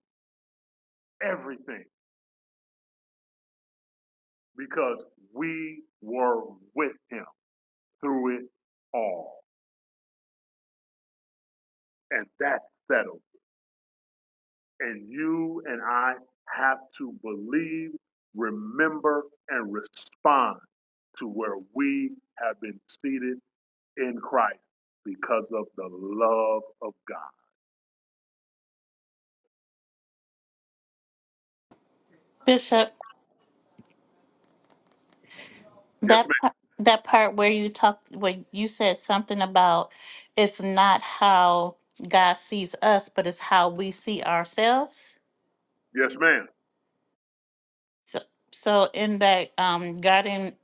[SPEAKER 1] Everything. Because we were with him through it all. And that's settled. And you and I have to believe, remember, and respond to where we have been seated in Christ because of the love of God.
[SPEAKER 3] Bishop,
[SPEAKER 1] Yes, ma'am.
[SPEAKER 3] that par- that part where you talked, where you said something about it's not how God sees us, but it's how we see ourselves.
[SPEAKER 1] Yes, ma'am.
[SPEAKER 3] So, so in that um, garden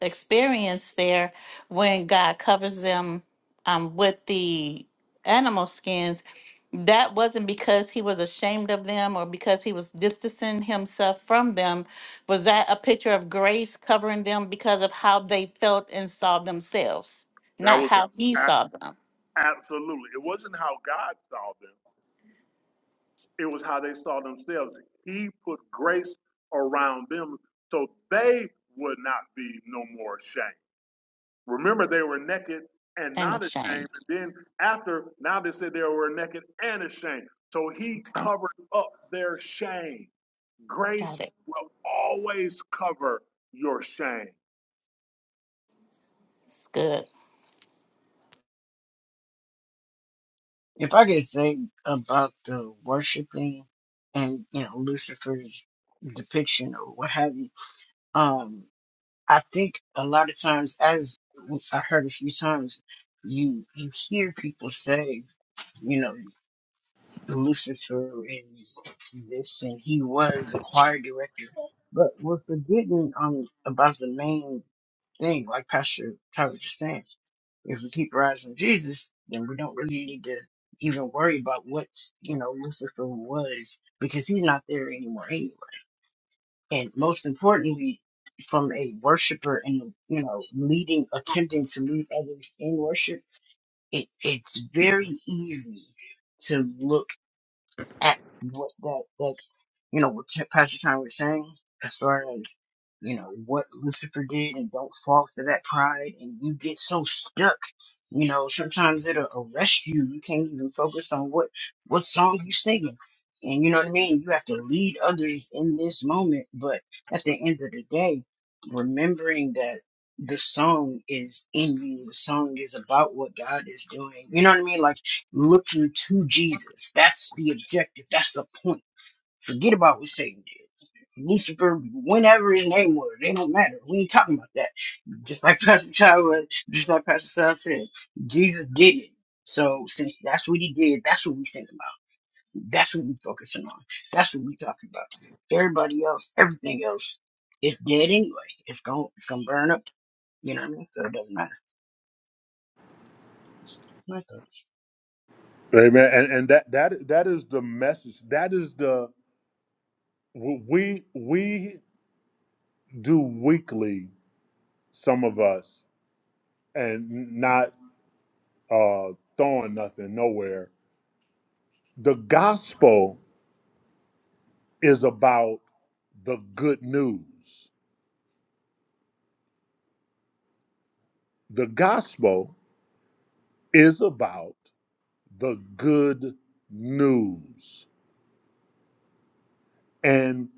[SPEAKER 3] experience there when God covers them um, with the animal skins, that wasn't because he was ashamed of them or because he was distancing himself from them. Was that a picture of grace covering them because of how they felt and saw themselves,
[SPEAKER 1] That
[SPEAKER 3] not
[SPEAKER 1] was
[SPEAKER 3] how he
[SPEAKER 1] a-
[SPEAKER 3] saw them?
[SPEAKER 1] absolutely. It wasn't how God saw them, it was how they saw themselves. He put grace around them so they would not be no more ashamed. Remember, they were naked and
[SPEAKER 3] And
[SPEAKER 1] not
[SPEAKER 3] a
[SPEAKER 1] ashamed.
[SPEAKER 3] shame.
[SPEAKER 1] And then after, now they said they were naked and ashamed. So he
[SPEAKER 3] Okay,
[SPEAKER 1] covered up their shame. Grace
[SPEAKER 3] got it.
[SPEAKER 1] will always cover your shame.
[SPEAKER 3] It's good.
[SPEAKER 6] If I could say about the worshiping and you know Lucifer's depiction or what have you, um, I think a lot of times, as I heard a few times, you you hear people say, you know, Lucifer is this, and he was the choir director, but we're forgetting um about the main thing, like Pastor Tyler was saying. If we keep our eyes on Jesus, then we don't really need to even worry about what's you know Lucifer was because he's not there anymore and most importantly, from a worshiper and you know leading, attempting to lead others in worship, it it's very easy to look at what that that is you know, what Pastor China was saying as far as, you know, what Lucifer did and don't fall for that pride and you get so stuck. You know, sometimes it'll arrest you. You can't even focus on what, what song you singing. And you know what I mean? You have to lead others in this moment. But at the end of the day, remembering that the song is in you, the song is about what God is doing. You know what I mean? Like looking to Jesus. That's the objective. That's the point Forget about what Satan did. Lucifer, whenever his name was, they don't matter. We ain't talking about that. Just like *laughs* Pastor Ty was, just like Pastor Sal said, Jesus did it. So since that's what he did, that's what we think about. That's what we focusing on. That's what we talking about. Everybody else, everything else, is dead anyway. It's going to it's gonna burn up. You know what I mean? So it doesn't matter. My thoughts.
[SPEAKER 1] Amen. And and that that that is the message. That is the we we do weekly. Some of us and not uh, throwing nothing nowhere. The gospel is about the good news. The gospel is about the good news. And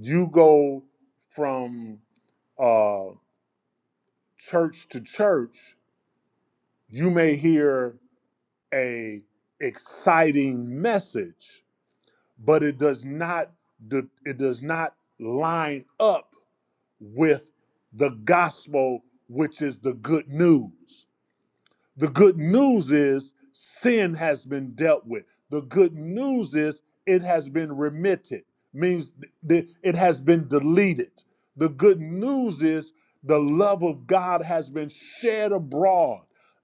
[SPEAKER 1] you go from uh, church to church, you may hear a exciting message, but it does not it does not line up with the gospel, which is the good news. The good news is sin has been dealt with. The good news is it has been remitted, means th- it has been deleted. The good news is the love of God has been shed abroad.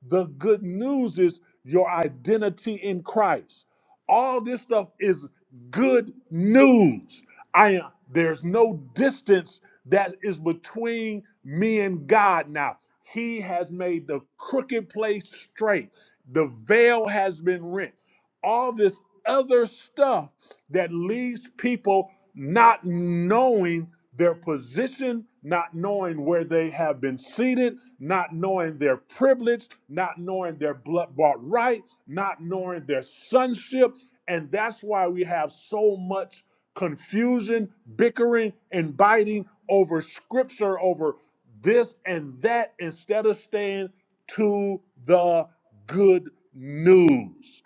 [SPEAKER 1] The good news is your identity in Christ. All this stuff is good news. I am, there's no distance that is between me and God now. He has made the crooked place straight. The veil has been rent. All this other stuff that leaves people not knowing their position, not knowing where they have been seated, not knowing their privilege, not knowing their blood bought right, not knowing their sonship. And that's why we have so much confusion, bickering, and biting over scripture, over this and that instead of staying to the good news.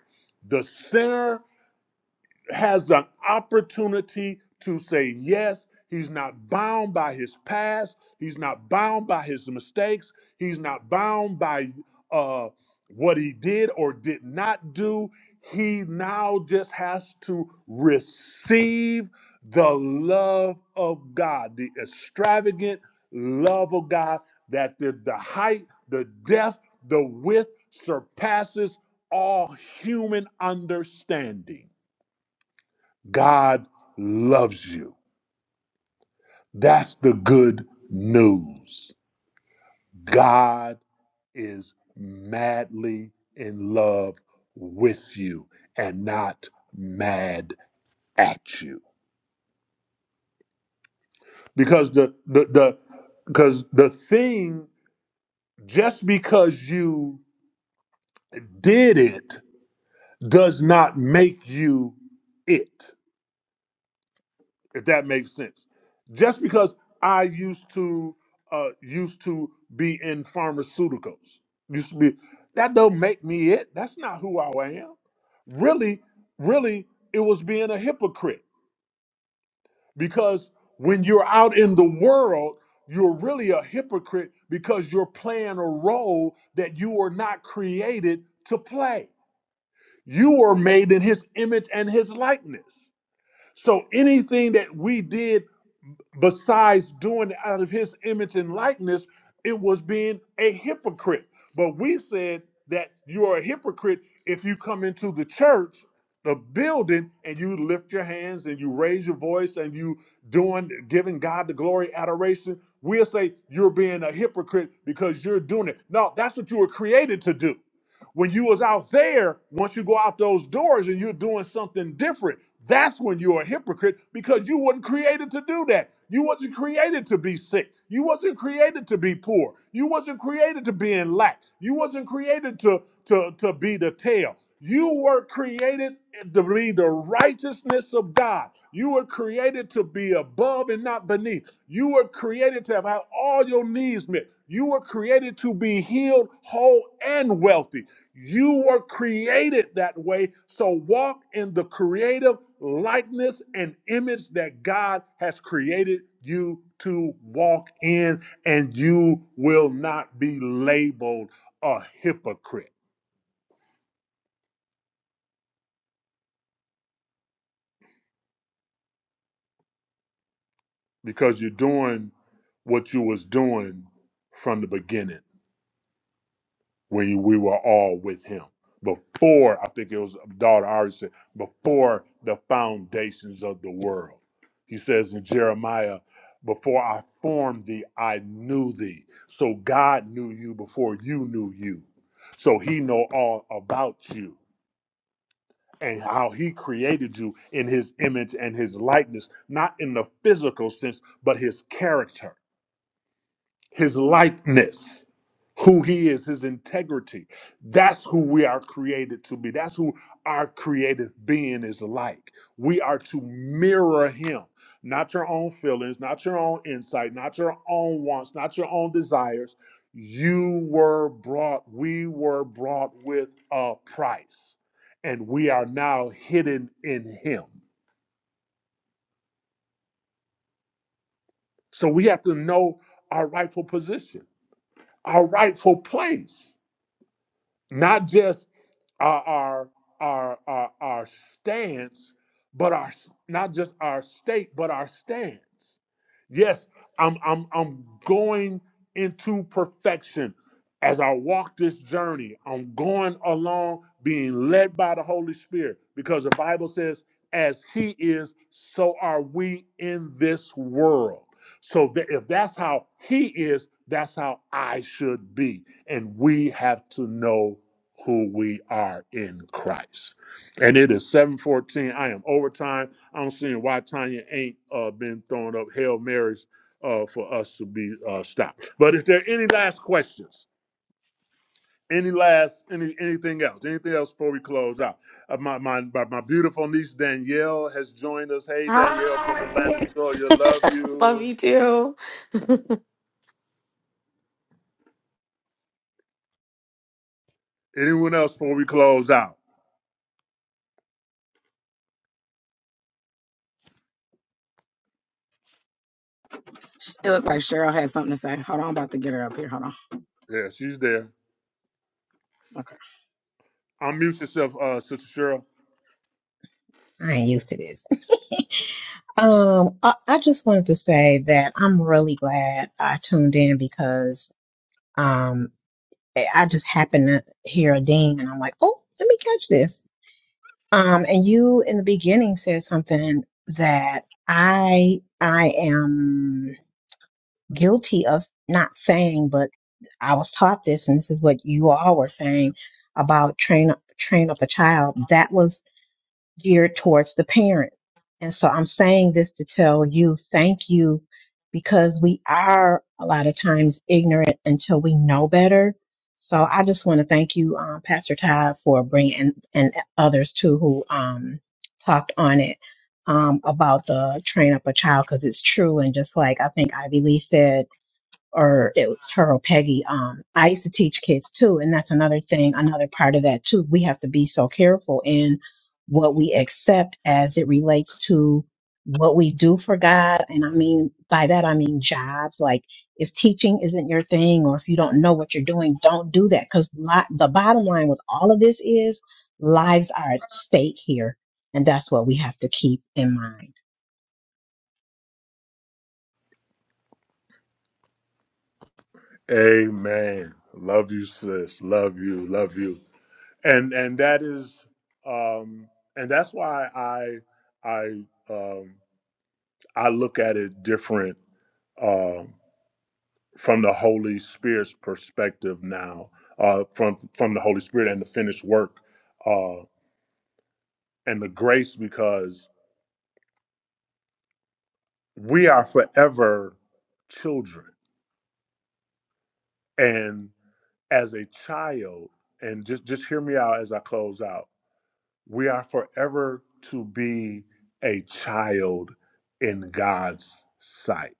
[SPEAKER 1] The sinner has an opportunity to say yes. He's not bound by his past. He's not bound by his mistakes. He's not bound by uh, what he did or did not do. He now just has to receive the love of God, the extravagant love of God that the, the height, the depth, the width surpasses all human understanding God loves you. That's the good news. God is madly in love with you and not mad at you. Because the the the because the thing just because you did it does not make you it. if that makes sense. Just because I used to uh, used to be in pharmaceuticals, used to be that don't make me it. That's not who I am. Really, really, it was being a hypocrite because when you're out in the world, you're really a hypocrite because you're playing a role that you were not created to play. You were made in His image and His likeness. So anything that we did besides doing it out of his image and likeness, it was being a hypocrite. But we said that you are a hypocrite if you come into the church, the building, and you lift your hands and you raise your voice and you doing giving God the glory, adoration. We'll say you're being a hypocrite because you're doing it. No, that's what you were created to do. When you was out there, once you go out those doors and you're doing something different. That's when you're a hypocrite because you weren't created to do that. You wasn't created to be sick. You wasn't created to be poor. You wasn't created to be in lack. You wasn't created to to to be the tail. You were created to be the righteousness of God. You were created to be above and not beneath. You were created to have all your needs met. You were created to be healed, whole, and wealthy. You were created that way, so walk in the creative likeness and image that God has created you to walk in, and you will not be labeled a hypocrite because you're doing what you was doing from the beginning. when we were all with him. Before, I think it was uh, daughter already said, before the foundations of the world. He says in Jeremiah, before I formed thee, I knew thee. So God knew you before you knew you. So he know all about you and how he created you in his image and his likeness, not in the physical sense, but his character his likeness, who he is, his integrity. That's who we are created to be. That's who our creative being is like. We are to mirror him, not your own feelings, not your own insight, not your own wants, not your own desires. You were brought, we were brought with a price, and we are now hidden in him. So we have to know our rightful position, our rightful place not just our our our our, our stance, but our not just our state, but our stance. Yes, I'm I'm I'm going into perfection as I walk this journey. I'm going along being led by the Holy Spirit because the Bible says, as He is, so are we in this world. So that if that's how He is, that's how I should be and we have to know who we are in Christ. And it is 714. I am overtime. I don't see why Tanya ain't uh, been throwing up Hail Marys uh, for us to be uh, stopped. But if there are any last questions, any last any anything else, anything else before we close out? Uh, my, my my my beautiful niece Danielle has joined us. Hey Danielle from Atlanta,
[SPEAKER 8] Hi.
[SPEAKER 1] Georgia. Love
[SPEAKER 8] *laughs* Love
[SPEAKER 1] you.
[SPEAKER 8] you too.
[SPEAKER 1] Anyone else before we close out?
[SPEAKER 7] It looked like Cheryl had something to say. Hold on, I'm about to get her up here. Hold on.
[SPEAKER 1] Yeah, she's there.
[SPEAKER 7] Okay.
[SPEAKER 1] Unmute yourself, uh, Sister Cheryl.
[SPEAKER 9] I ain't used to this. Um, I, I just wanted to say that I'm really glad I tuned in because um, I I just happened to hear a ding, and I'm like, oh, let me catch this. Um, and you in the beginning said something that I I am guilty of not saying, but I was taught this, and this is what you all were saying about train train up a child. That was geared towards the parent. And so I'm saying this to tell you thank you because we are a lot of times ignorant until we know better. So I just want to thank you, um, Pastor Todd, for bringing and, and others too who um, talked on it um, about the train up a child because it's true. And just like I think Ivy Lee said, or it was her or Peggy. Um, I used to teach kids too, and that's another thing, another part of that too. We have to be so careful in what we accept as it relates to what we do for God. And I mean, by that, I mean jobs. Like if teaching isn't your thing or if you don't know what you're doing, don't do that. Cause the bottom line with all of this is lives are at stake here. And that's what we have to keep in mind.
[SPEAKER 1] Amen. Love you, sis. Love you. Love you. And and that is um and that's why I I um I look at it different um from the Holy Spirit's perspective now, uh from from the Holy Spirit and the finished work uh and the grace because we are forever children. And as a child, and just just hear me out as I close out we are forever to be a child in God's sight.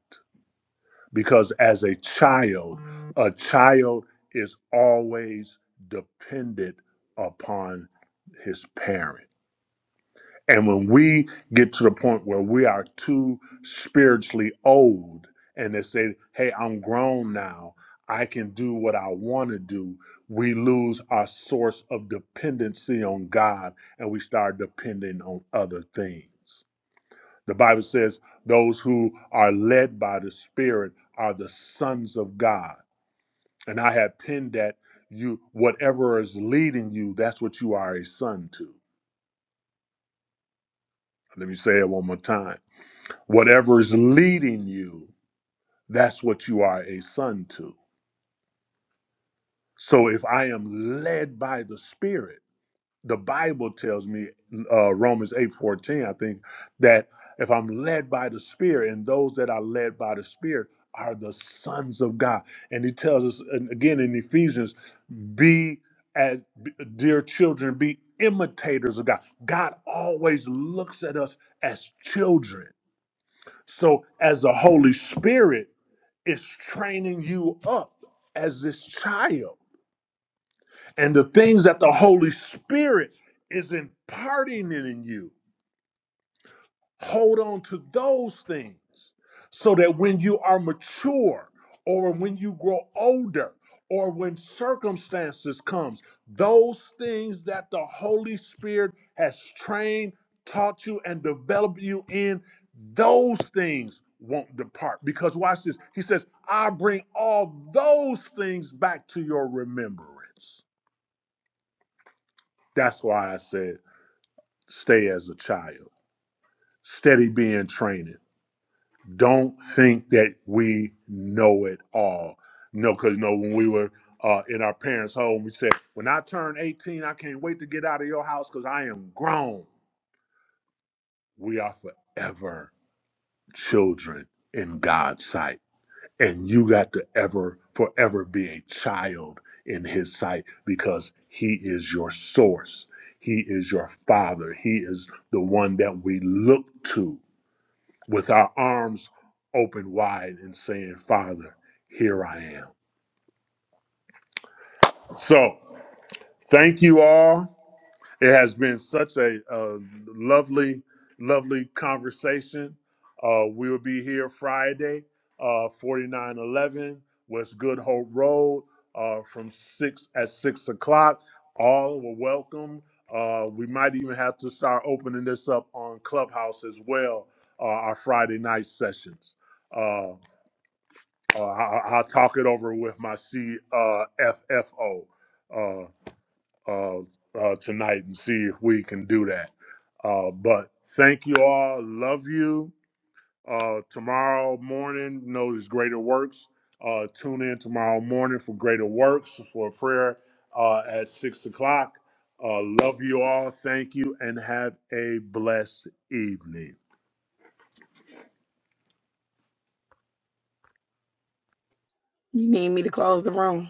[SPEAKER 1] Because as a child, a child is always dependent upon his parent. And when we get to the point where we are too spiritually old and they say, hey, I'm grown now, I can do what I want to do, we lose our source of dependency on God and we start depending on other things. The Bible says, those who are led by the Spirit are the sons of God. And I had pinned that you, whatever is leading you, that's what you are a son to. Let me say it one more time Whatever's leading you, that's what you are a son to. So if I am led by the Spirit, the Bible tells me, uh, Romans eight fourteen, I think, that if I'm led by the Spirit, and those that are led by the Spirit are the sons of God. And he tells us and again in Ephesians, be as dear children, be imitators of God. God always looks at us as children. So as the Holy Spirit, is training you up as this child. And the things that the Holy Spirit is imparting it in you hold on to those things so that when you are mature or when you grow older or when circumstances comes those things that the holy spirit has trained taught you and developed you in those things won't depart because watch this he says i bring all those things back to your remembrance that's why i said stay as a child steady being trained don't think that we know it all. No, because no, when we were uh, in our parents' home, we said, "When I turn 18, I can't wait to get out of your house because I am grown." We are forever children in God's sight, and you got to ever, forever be a child in His sight because He is your source. He is your father. He is the one that we look to with our arms open wide and saying, Father, here I am. So, thank you all. It has been such a, uh lovely, lovely conversation. Uh, we'll be here Friday, uh, 4911 West Good Hope Road uh, from 6 at 6 o'clock. All were welcome. Uh, we might even have to start opening this up on Clubhouse as well, uh, our Friday night sessions. Uh, Uh, I, I- will talk it over with my CFFO uh, FFO, uh, uh, uh, tonight and see if we can do that. Uh, but thank you all. Love you. Uh, tomorrow morning, you know there's greater works. Uh, tune in tomorrow morning for greater works for a prayer uh, at six o'clock. Uh, love you all. Thank you and have a blessed evening.
[SPEAKER 7] You need me to close the room?